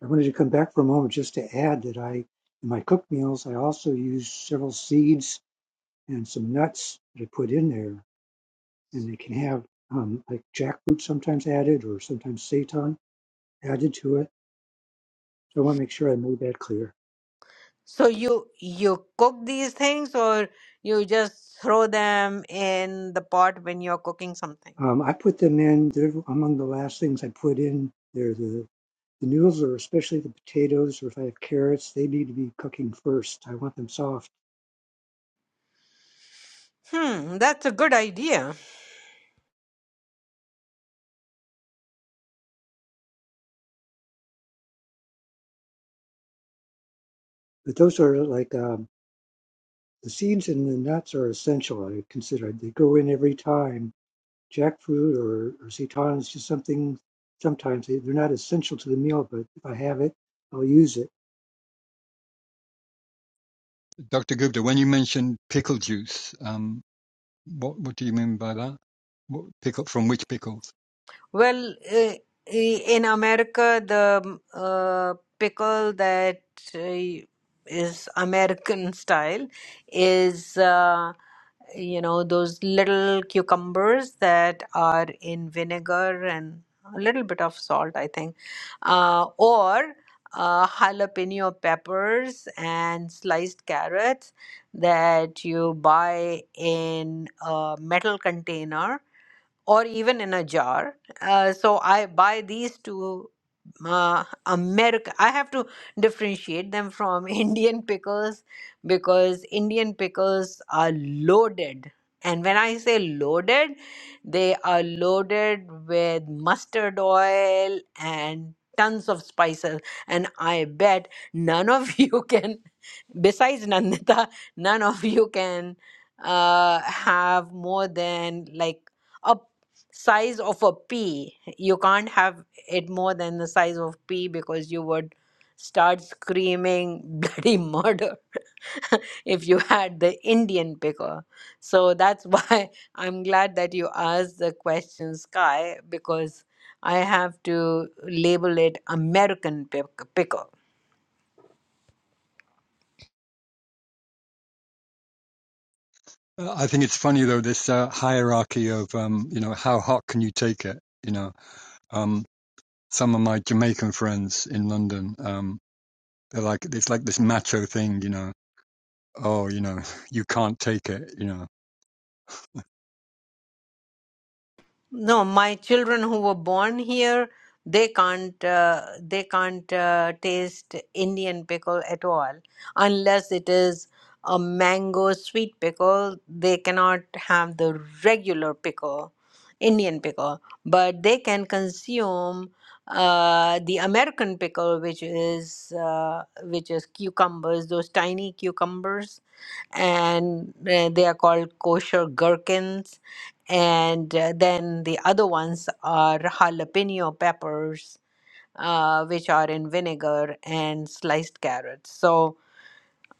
I wanted to come back for a moment just to add that I in my cooked meals I also use several seeds and some nuts that I put in there. And they can have um, like jackfruit sometimes added or sometimes seitan added to it. So I want to make sure I made that clear. So you you cook these things or you just throw them in the pot when you're cooking something? Um, I put them in. They're among the last things I put in. They're the The noodles or especially the potatoes, or if I have carrots, they need to be cooking first. I want them soft. Hmm, that's a good idea. But those are like um, the seeds and the nuts are essential, I consider. They go in every time. Jackfruit or, or seitan is just something, sometimes they, they're not essential to the meal, but if I have it, I'll use it. Well, uh, in America, the um, uh, pickle that uh, is American style is, uh, you know, those little cucumbers that are in vinegar and a little bit of salt, I think, uh, or uh, jalapeno peppers and sliced carrots that you buy in a metal container or even in a jar. Uh, so I buy these two uh, America. I have to differentiate them from Indian pickles because Indian pickles are loaded. And when I say loaded, they are loaded with mustard oil and tons of spices. And I bet none of you can, besides Nandita, none of you can uh, have more than like size of a pea. You can't have it more than the size of pea because you would start screaming bloody murder if you had the Indian picker. So that's why I'm glad that you asked the question, Sky, because I have to label it American pick- picker No, my children who were born here, they can't uh, they can't uh, taste Indian pickle at all unless it is a mango sweet pickle. They cannot have the regular pickle, Indian pickle, but they can consume uh, the American pickle, which is uh, which is cucumbers, those tiny cucumbers, and uh, they are called kosher gherkins and uh, then the other ones are jalapeno peppers uh, which are in vinegar and sliced carrots so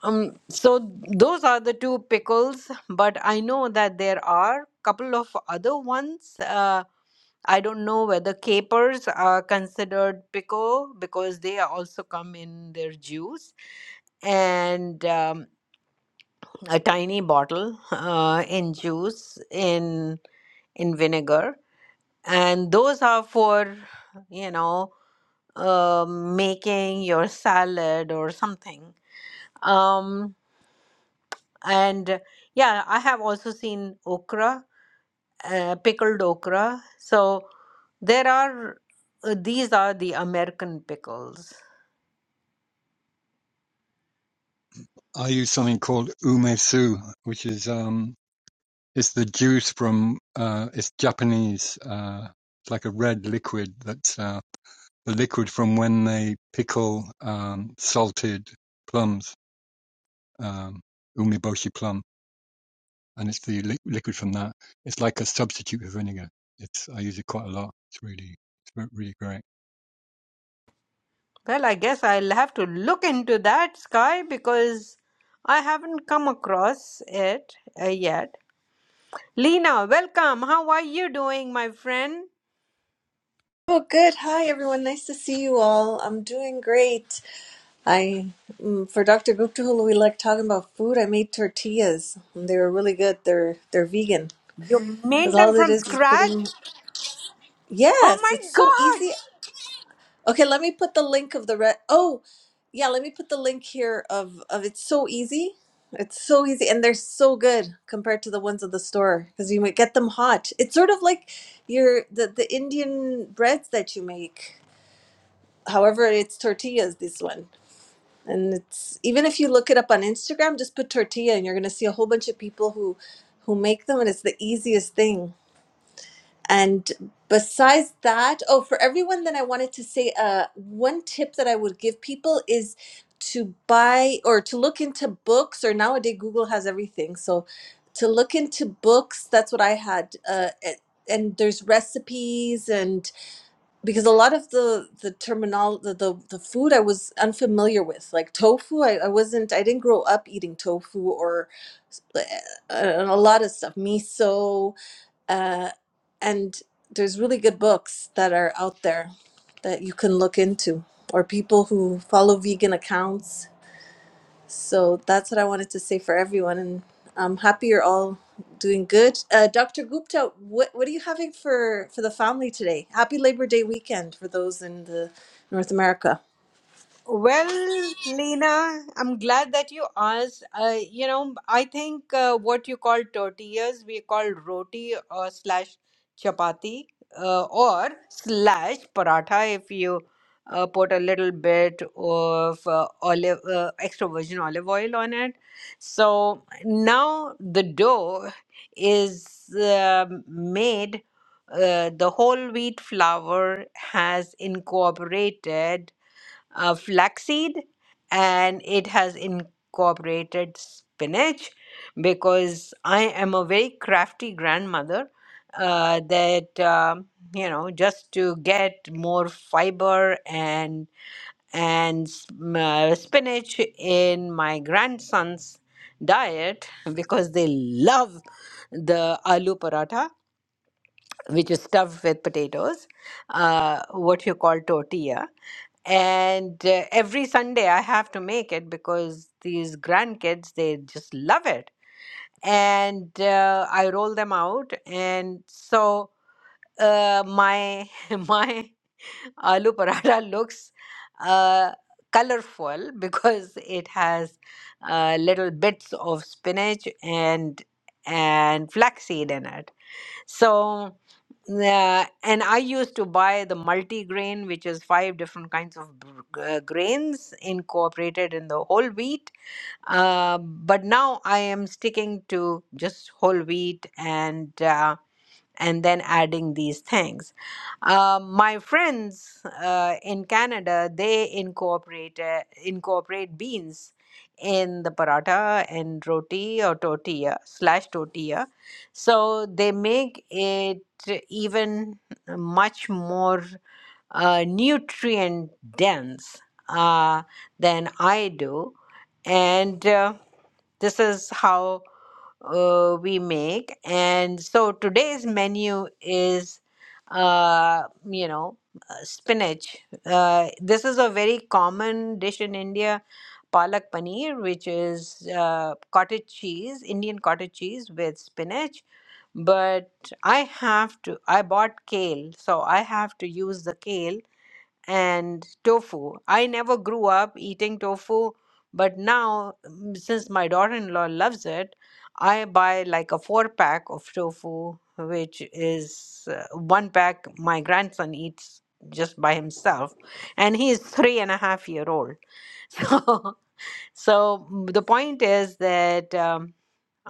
um, so those are the two pickles but i know that there are couple of other ones uh, i don't know whether capers are considered pickle because they are also come in their juice and um, a tiny bottle uh, in juice in in vinegar and those are for you know uh, making your salad or something um and yeah i have also seen okra uh, pickled okra so there are uh, these are the american pickles well i guess i'll have to look into that sky because i haven't come across it uh, yet lena welcome how are you doing my friend Oh, good. Hi, everyone. Nice to see you all. I'm doing great. I, mm, for Dr. Gupta, who we like talking about food, I made tortillas. And they were really good. They're they're vegan you because made them all it from is is scratch putting. Oh Yes, my it's so God! easy. Okay, let me put the link of the red. Oh, yeah, let me put the link here of of it's so easy. It's so easy, and they're so good compared to the ones at the store because you might get them hot. It's sort of like your the the Indian breads that you make. however it's tortillas this one and it's even if you look it up on instagram just put tortilla and you're going to see a whole bunch of people who who make them and it's the easiest thing and besides that oh for everyone that i wanted to say uh one tip that i would give people is to buy or to look into books or nowadays google has everything so to look into books that's what i had uh, a- and there's recipes and because a lot of the the terminal the, the the food i was unfamiliar with like tofu I, I wasn't i didn't grow up eating tofu or uh, a lot of stuff miso uh and there's really good books that are out there that you can look into or people who follow vegan accounts so that's what I wanted to say for everyone, and I'm happy you're all doing good. Uh, Dr. Gupta, what what are you having for for the family today? Happy Labor Day weekend for those in the North America. Well, Lena, I'm glad that you asked. Uh, you know, I think uh, what you call tortillas, we call roti or slash chapati uh, or slash paratha if you uh, put a little bit of uh, olive uh, extra virgin olive oil on it. So now the dough is uh, made. Uh, the whole wheat flour has incorporated uh, flaxseed and it has incorporated spinach because I am a very crafty grandmother uh, that um you know just to get more fiber and and s- m- uh, spinach in my grandson's diet because they love the aloo paratha which is stuffed with potatoes, uh, what you call tortilla. And uh, every Sunday I have to make it because these grandkids, they just love it. And uh, I roll them out. And so uh, my my aloo paratha looks uh, colorful because it has uh, little bits of spinach and and flaxseed in it. So yeah, and I used to buy the multi-grain, which is five different kinds of br- g- uh, grains incorporated in the whole wheat. Uh, but now I am sticking to just whole wheat and uh, and then adding these things. Uh, my friends uh, in Canada they incorporate uh, incorporate beans in the paratha and roti or tortilla slash tortilla, so they make it even much more uh, nutrient dense uh, than I do. And uh, this is how uh, we make. And so today's menu is, uh, you know, uh, spinach. Uh, this is a very common dish in India, palak paneer, which is uh, cottage cheese, Indian cottage cheese with spinach. But I have to, I bought kale, so I have to use the kale and tofu. I never grew up eating tofu, but now, mm, since my daughter in law loves it, I buy like a four pack of tofu, which is uh, one pack my grandson eats just by himself, and he is three and a half year old. So, so mm, the point is that. Um,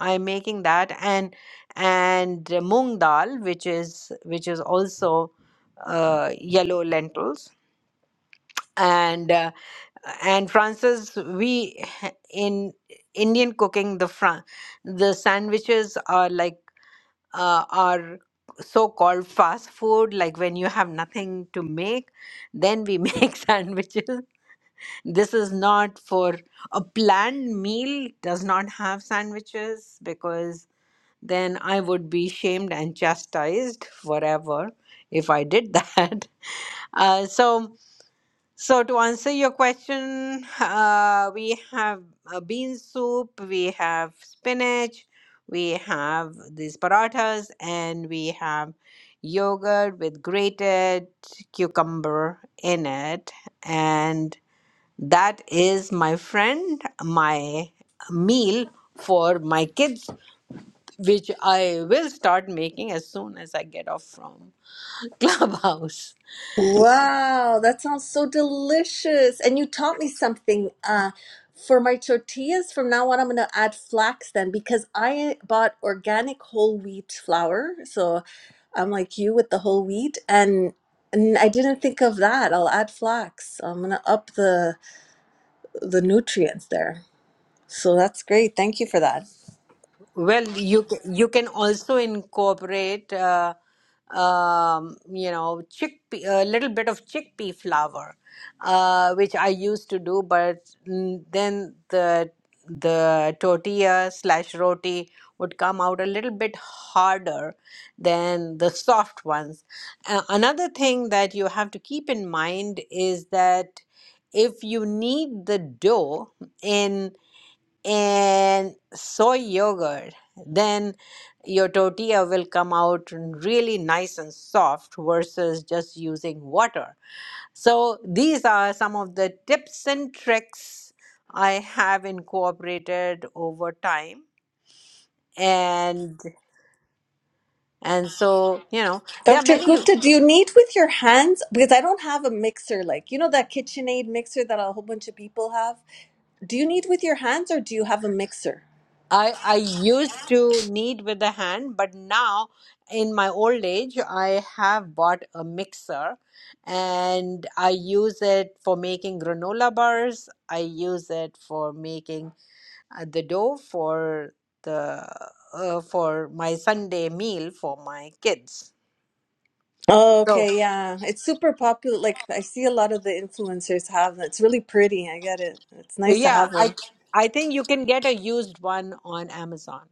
I'm making that and and uh, moong dal, which is which is also uh, yellow lentils and uh, and francis we h- in indian cooking the fran- the sandwiches are like uh, are so called fast food like when you have nothing to make then we make sandwiches this is not for a planned meal does not have sandwiches because then i would be shamed and chastised forever if i did that uh, so so, to answer your question, uh, we have a bean soup, we have spinach, we have these parathas, and we have yogurt with grated cucumber in it. And that is, my friend, my meal for my kids, which I will start making as soon as I get off from Clubhouse. Wow, that sounds so delicious. And you taught me something. Uh, for my tortillas, from now on, I'm going to add flax then because I bought organic whole wheat flour. So I'm like you with the whole wheat and and I didn't think of that. I'll add flax. So I'm going to up the the nutrients there. So that's great. Thank you for that. Well, you c- you can also incorporate, uh, um, you know, chickpea, a little bit of chickpea flour, uh, which I used to do, but mm, then the the tortilla slash roti would come out a little bit harder than the soft ones. Uh, another thing that you have to keep in mind is that if you knead the dough in and soy yogurt, then your tortilla will come out really nice and soft versus just using water. So, these are some of the tips and tricks I have incorporated over time. And and so, you know, there are Dr. many Gupta, do you knead with your hands? Because I don't have a mixer like, you know, that KitchenAid mixer that a whole bunch of people have. Do you knead with your hands or do you have a mixer? I I used to knead with the hand, but now in my old age, I have bought a mixer and I use it for making granola bars. I use it for making uh, the dough for the uh, for my Sunday meal for my kids. Oh, So, okay, yeah. It's super popular. Like I see a lot of the influencers have. It's really pretty. I get it. It's nice to yeah, have one. I I think you can get a used one on Amazon.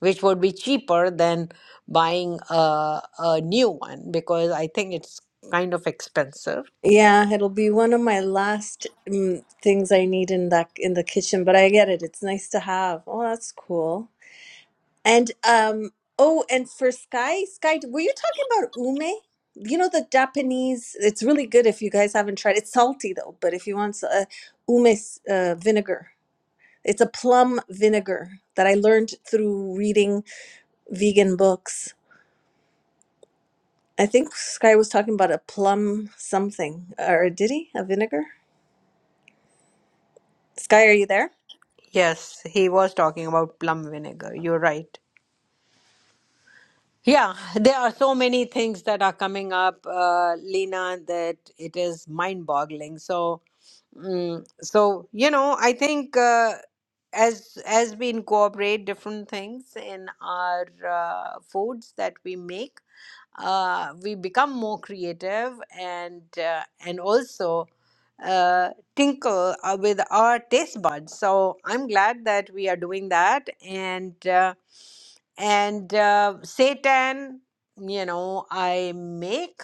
which would be cheaper than buying a, a new one because I think it's kind of expensive. Yeah, it'll be one of my last um, things I need in that in the kitchen, but I get it. It's nice to have. Oh, that's cool. And um oh, and for Sky, Sky, were you talking about ume? You know the Japanese, it's really good if you guys haven't tried. It's salty though, but if you want uh, ume uh, vinegar. It's a plum vinegar that I learned through reading vegan books. I think Sky was talking about a plum something, or did he? A vinegar? Sky, are you there? Yes, he was talking about plum vinegar. You're right. Yeah, there are so many things that are coming up, uh, Lena, that it is mind-boggling. So, mm, so you know, I think uh, as as we incorporate different things in our uh, foods that we make uh, we become more creative and uh, and also uh, tinkle uh, with our taste buds. So I'm glad that we are doing that. And uh, and uh, seitan, you know, I make,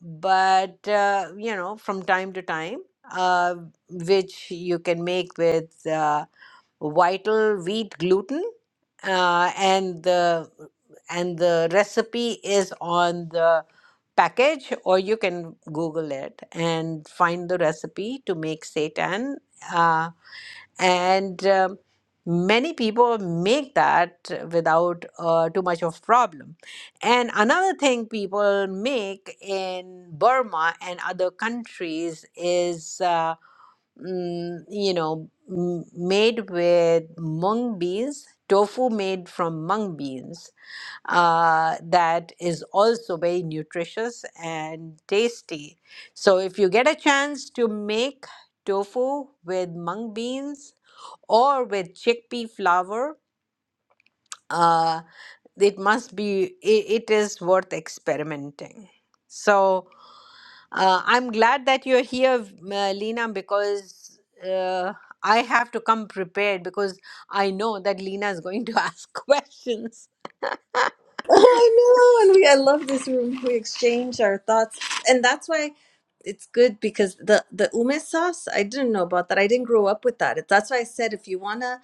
but uh, you know, from time to time, uh, which you can make with. Uh, vital wheat gluten uh, and the and the recipe is on the package or you can google it and find the recipe to make seitan uh, and um, many people make that without uh, too much of problem and another thing people make in burma and other countries is uh, mm, you know, m- made with mung beans, tofu made from mung beans, uh, that is also very nutritious and tasty. So, if you get a chance to make tofu with mung beans or with chickpea flour, uh, it must be, it, it is worth experimenting. So, uh, I'm glad that you're here, uh, Lena, because uh, I have to come prepared because I know that Lena is going to ask questions. Oh, I know, and we I love this room. We exchange our thoughts, and that's why it's good because the the ume sauce I didn't know about that. I didn't grow up with that. That's why I said if you wanna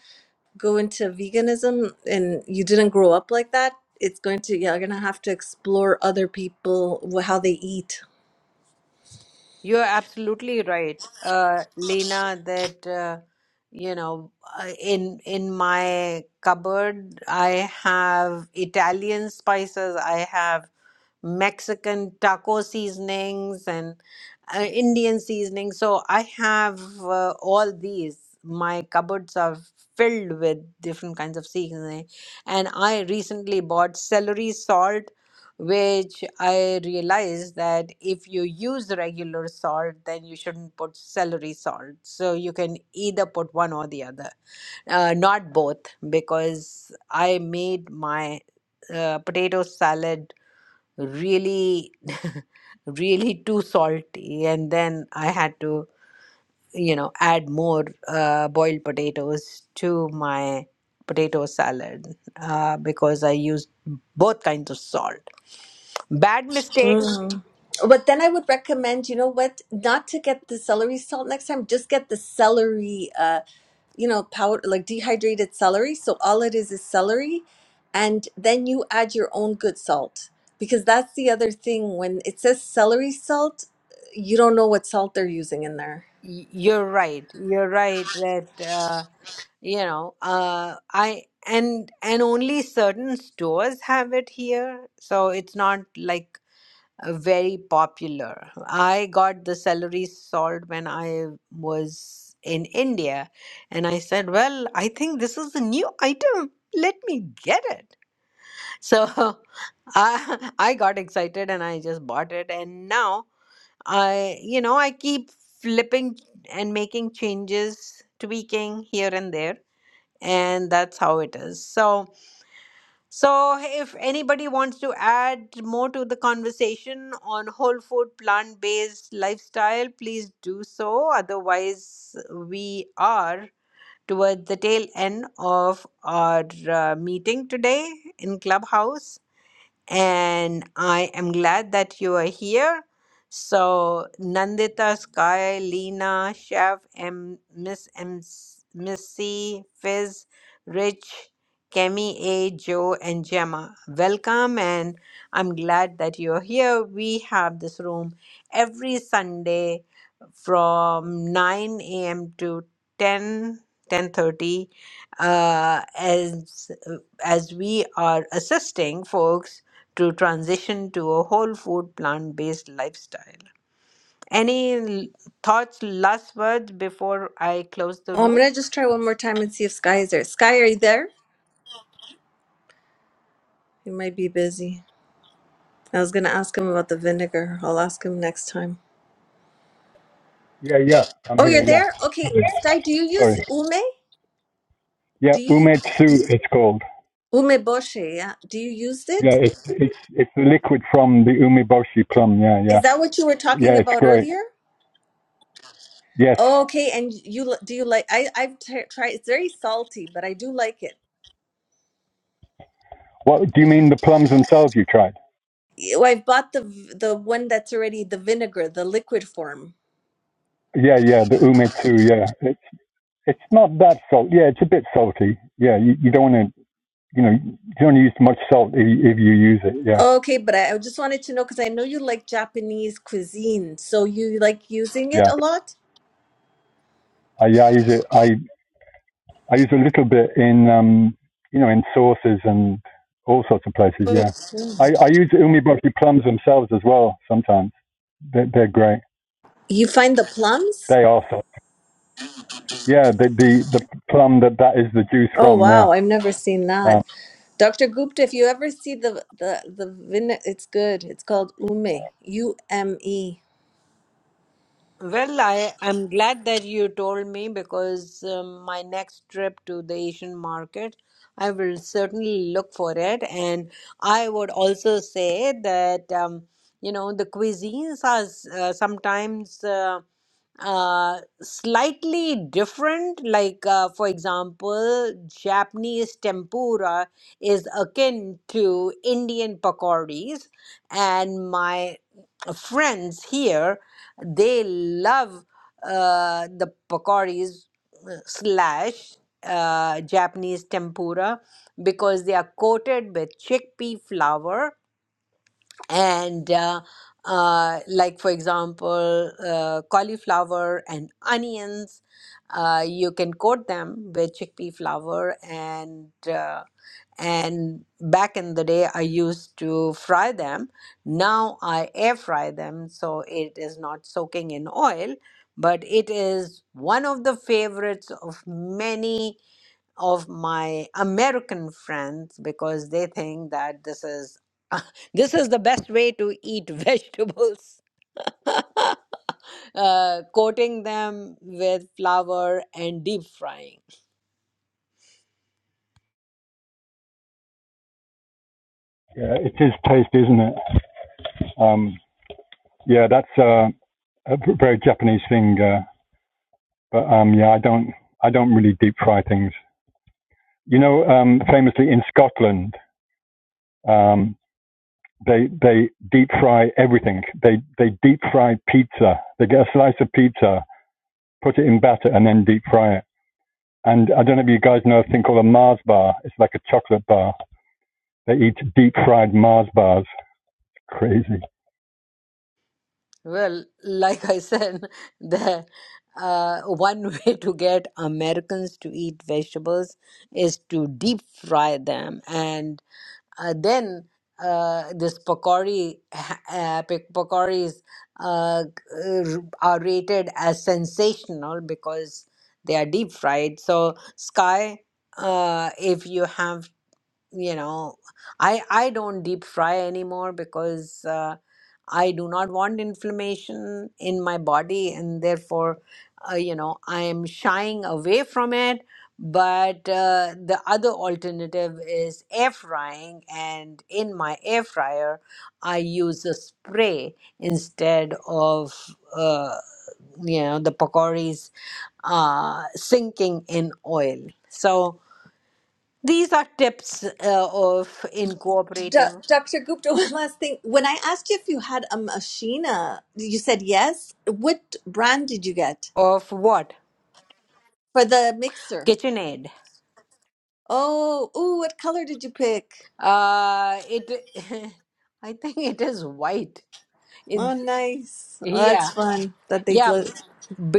go into veganism and you didn't grow up like that, it's going to yeah, you're gonna have to explore other people wh- how they eat You're absolutely right, uh, Lena, that uh, you know uh, in in my cupboard I have Italian spices, I have Mexican taco seasonings and uh, Indian seasonings. So I have uh, all these. My cupboards are filled with different kinds of seasoning. And I recently bought celery salt, which I realized that if you use regular salt, then you shouldn't put celery salt. So you can either put one or the other, uh, not both, because I made my uh, potato salad really really too salty and then i had to you know add more uh, boiled potatoes to my potato salad uh, because i used both kinds of salt bad mistake Mm. But then I would recommend, you know what, not to get the celery salt next time. Just get the celery, uh, you know, powder like dehydrated celery. So all it is is celery, and then you add your own good salt because that's the other thing. When it says celery salt, you don't know what salt they're using in there. Y- you're right you're right that uh, you know uh, i and and only certain stores have it here so it's not like uh, very popular. I got the celery salt when I was in India, and I said, Well, I think this is a new item. Let me get it. So I, I got excited and I just bought it. And now I, you know, I keep flipping and making changes, tweaking here and there. And that's how it is. So, so, hey, if anybody wants to add more to the conversation on whole food, plant based lifestyle, please do so. Otherwise, we are towards the tail end of our uh, meeting today in Clubhouse and I am glad that you are here. So, Nandita, Sky, Lena, Chef, M, Miss M, Miss C, Fizz, Rich, Kemi A, Joe, and Gemma, welcome, and I'm glad that you're here. We have this room every Sunday from 9 a.m. to 10 10:30 uh, as as we are assisting folks to transition to a whole food plant based lifestyle. Any l- thoughts, last words before I close the Oh, I'm room? gonna just try one more time and see if Sky is there. Sky, are you there? He might be busy. I was gonna ask him about the vinegar. I'll ask him next time. Yeah, Oh, you're there? Okay, Sky, do you use ume? Do you umeboshi? Yeah. Do you use it? Is that what you were talking about earlier? yeah, Okay, and you li- do you like? I I've t- tried. It's very salty, but I do like it. Ew, I've bought the v- the one that's already the vinegar, the liquid form. Okay, but I, I just wanted to know because I know you like Japanese cuisine, so you like using it a lot. Okay. You find the plums? Oh wow, I've never seen that. Dr. Gupta, if you ever see the the the vine, it's good. It's called Ume, U M E. Well, I, I'm glad that you told me because um, my next trip to the Asian market, I will certainly look for it. And I would also say that, um, you know, the cuisines are s- uh, sometimes uh, uh, slightly different. Like, uh, for example, Japanese tempura is akin to Indian pakoras. And my friends here they love uh, the pakoris uh, slash uh, Japanese tempura because they are coated with chickpea flour and uh, uh, like for example uh, cauliflower and onions uh, you can coat them with chickpea flour and uh, and back in the day i used to fry them now i air fry them so it is not soaking in oil but it is one of the favorites of many of my american friends because they think that this is this is the best way to eat vegetables uh, coating them with flour and deep frying a v- very Japanese thing. Uh, but um, yeah, I don't, I don't really deep fry things. You know, um, famously in Scotland, um, they they deep fry everything. They they deep fry pizza. They get a slice of pizza, put it in batter, and then deep fry it. And I don't know if you guys know a thing called a Mars bar. It's like a chocolate bar. They eat deep fried Mars bars. Crazy. Well, like I said, the uh, one way to get Americans to eat vegetables is to deep fry them, and uh, then uh, this pakori, ha- uh, pak- pakoris uh, r- are rated as sensational because they are deep fried. So, Sky, uh, if you have you know i i don't deep fry anymore because uh, i do not want inflammation in my body and therefore uh, you know i am shying away from it but uh, the other alternative is air frying and in my air fryer i use a spray instead of uh, you know the pakoris uh, sinking in oil so these are tips uh, of D- incorporating Dr. Gupta, one last thing. When I asked you if you had a machina, you said yes. What brand did you get of what? for the mixer? KitchenAid. Oh, ooh, what color did you pick? Uh, it. I think it is white. It, Oh, nice. Oh, yeah, that's fun that they yeah, look.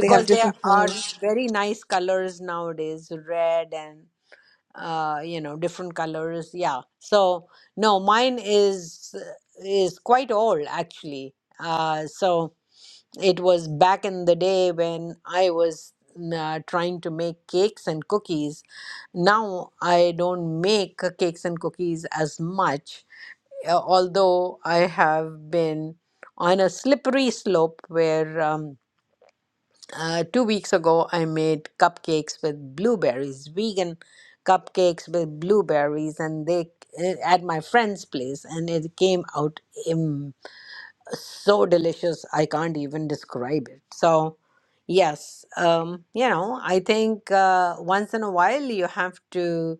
They have there different are colors. very nice colors nowadays, red and uh, you know different colors. Yeah. So no, mine is is quite old actually. Uh, so It was back in the day when I was uh, trying to make cakes and cookies. Now I don't make cakes and cookies as much, uh, although I have been on a slippery slope where um, uh, two weeks ago I made cupcakes with blueberries, vegan cupcakes with blueberries, and they uh, at my friend's place, and it came out so delicious i can't even describe it so yes um you know i think uh, once in a while you have to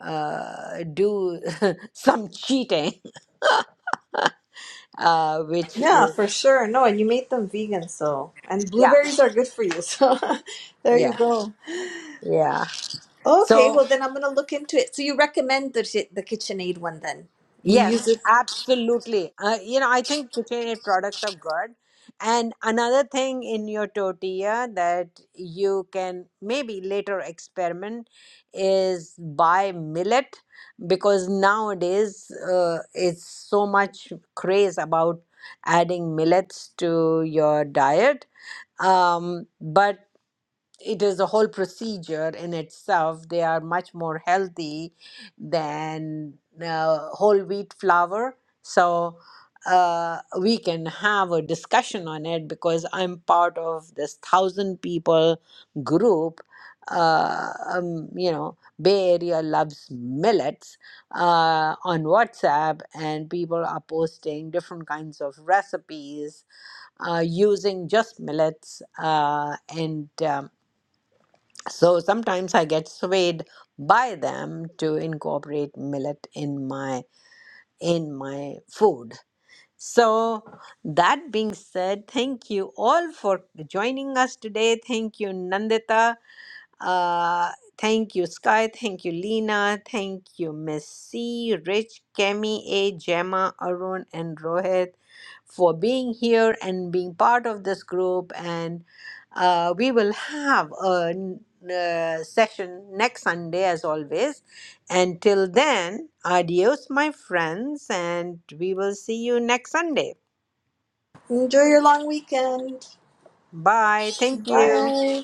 uh do some cheating uh which Yeah, is for sure. No, and you made them vegan, so and yeah blueberries are good for you. So there you yeah go. yeah Okay, so well then I'm gonna look into it. So you recommend the the KitchenAid one then? You use Yes, it. absolutely. Uh, you know, I think KitchenAid products are good. And another thing in your tortilla that you can maybe later experiment is buy millet because nowadays uh, it's so much craze about adding millets to your diet. Um, but it is a whole procedure in itself. They are much more healthy than uh, whole wheat flour. So uh, we can have a discussion on it because I'm part of this thousand people group. Uh, um, you know, Bay Area loves millets uh, on WhatsApp, and people are posting different kinds of recipes uh, using just millets. Uh, and um, so sometimes I get swayed by them to incorporate millet in my in my food. So that being said, thank you all for joining us today. Thank you, Nandita. Uh, thank you, Sky. Thank you, Lena. Thank you, Messi, Rich, Kemi, A, Gemma, Arun, and Rohit for being here and being part of this group. And uh, we will have a, n- uh session next Sunday, as always. Until then, adios, my friends, and we will see you next Sunday. Enjoy your long weekend. Bye. Thank you. Bye.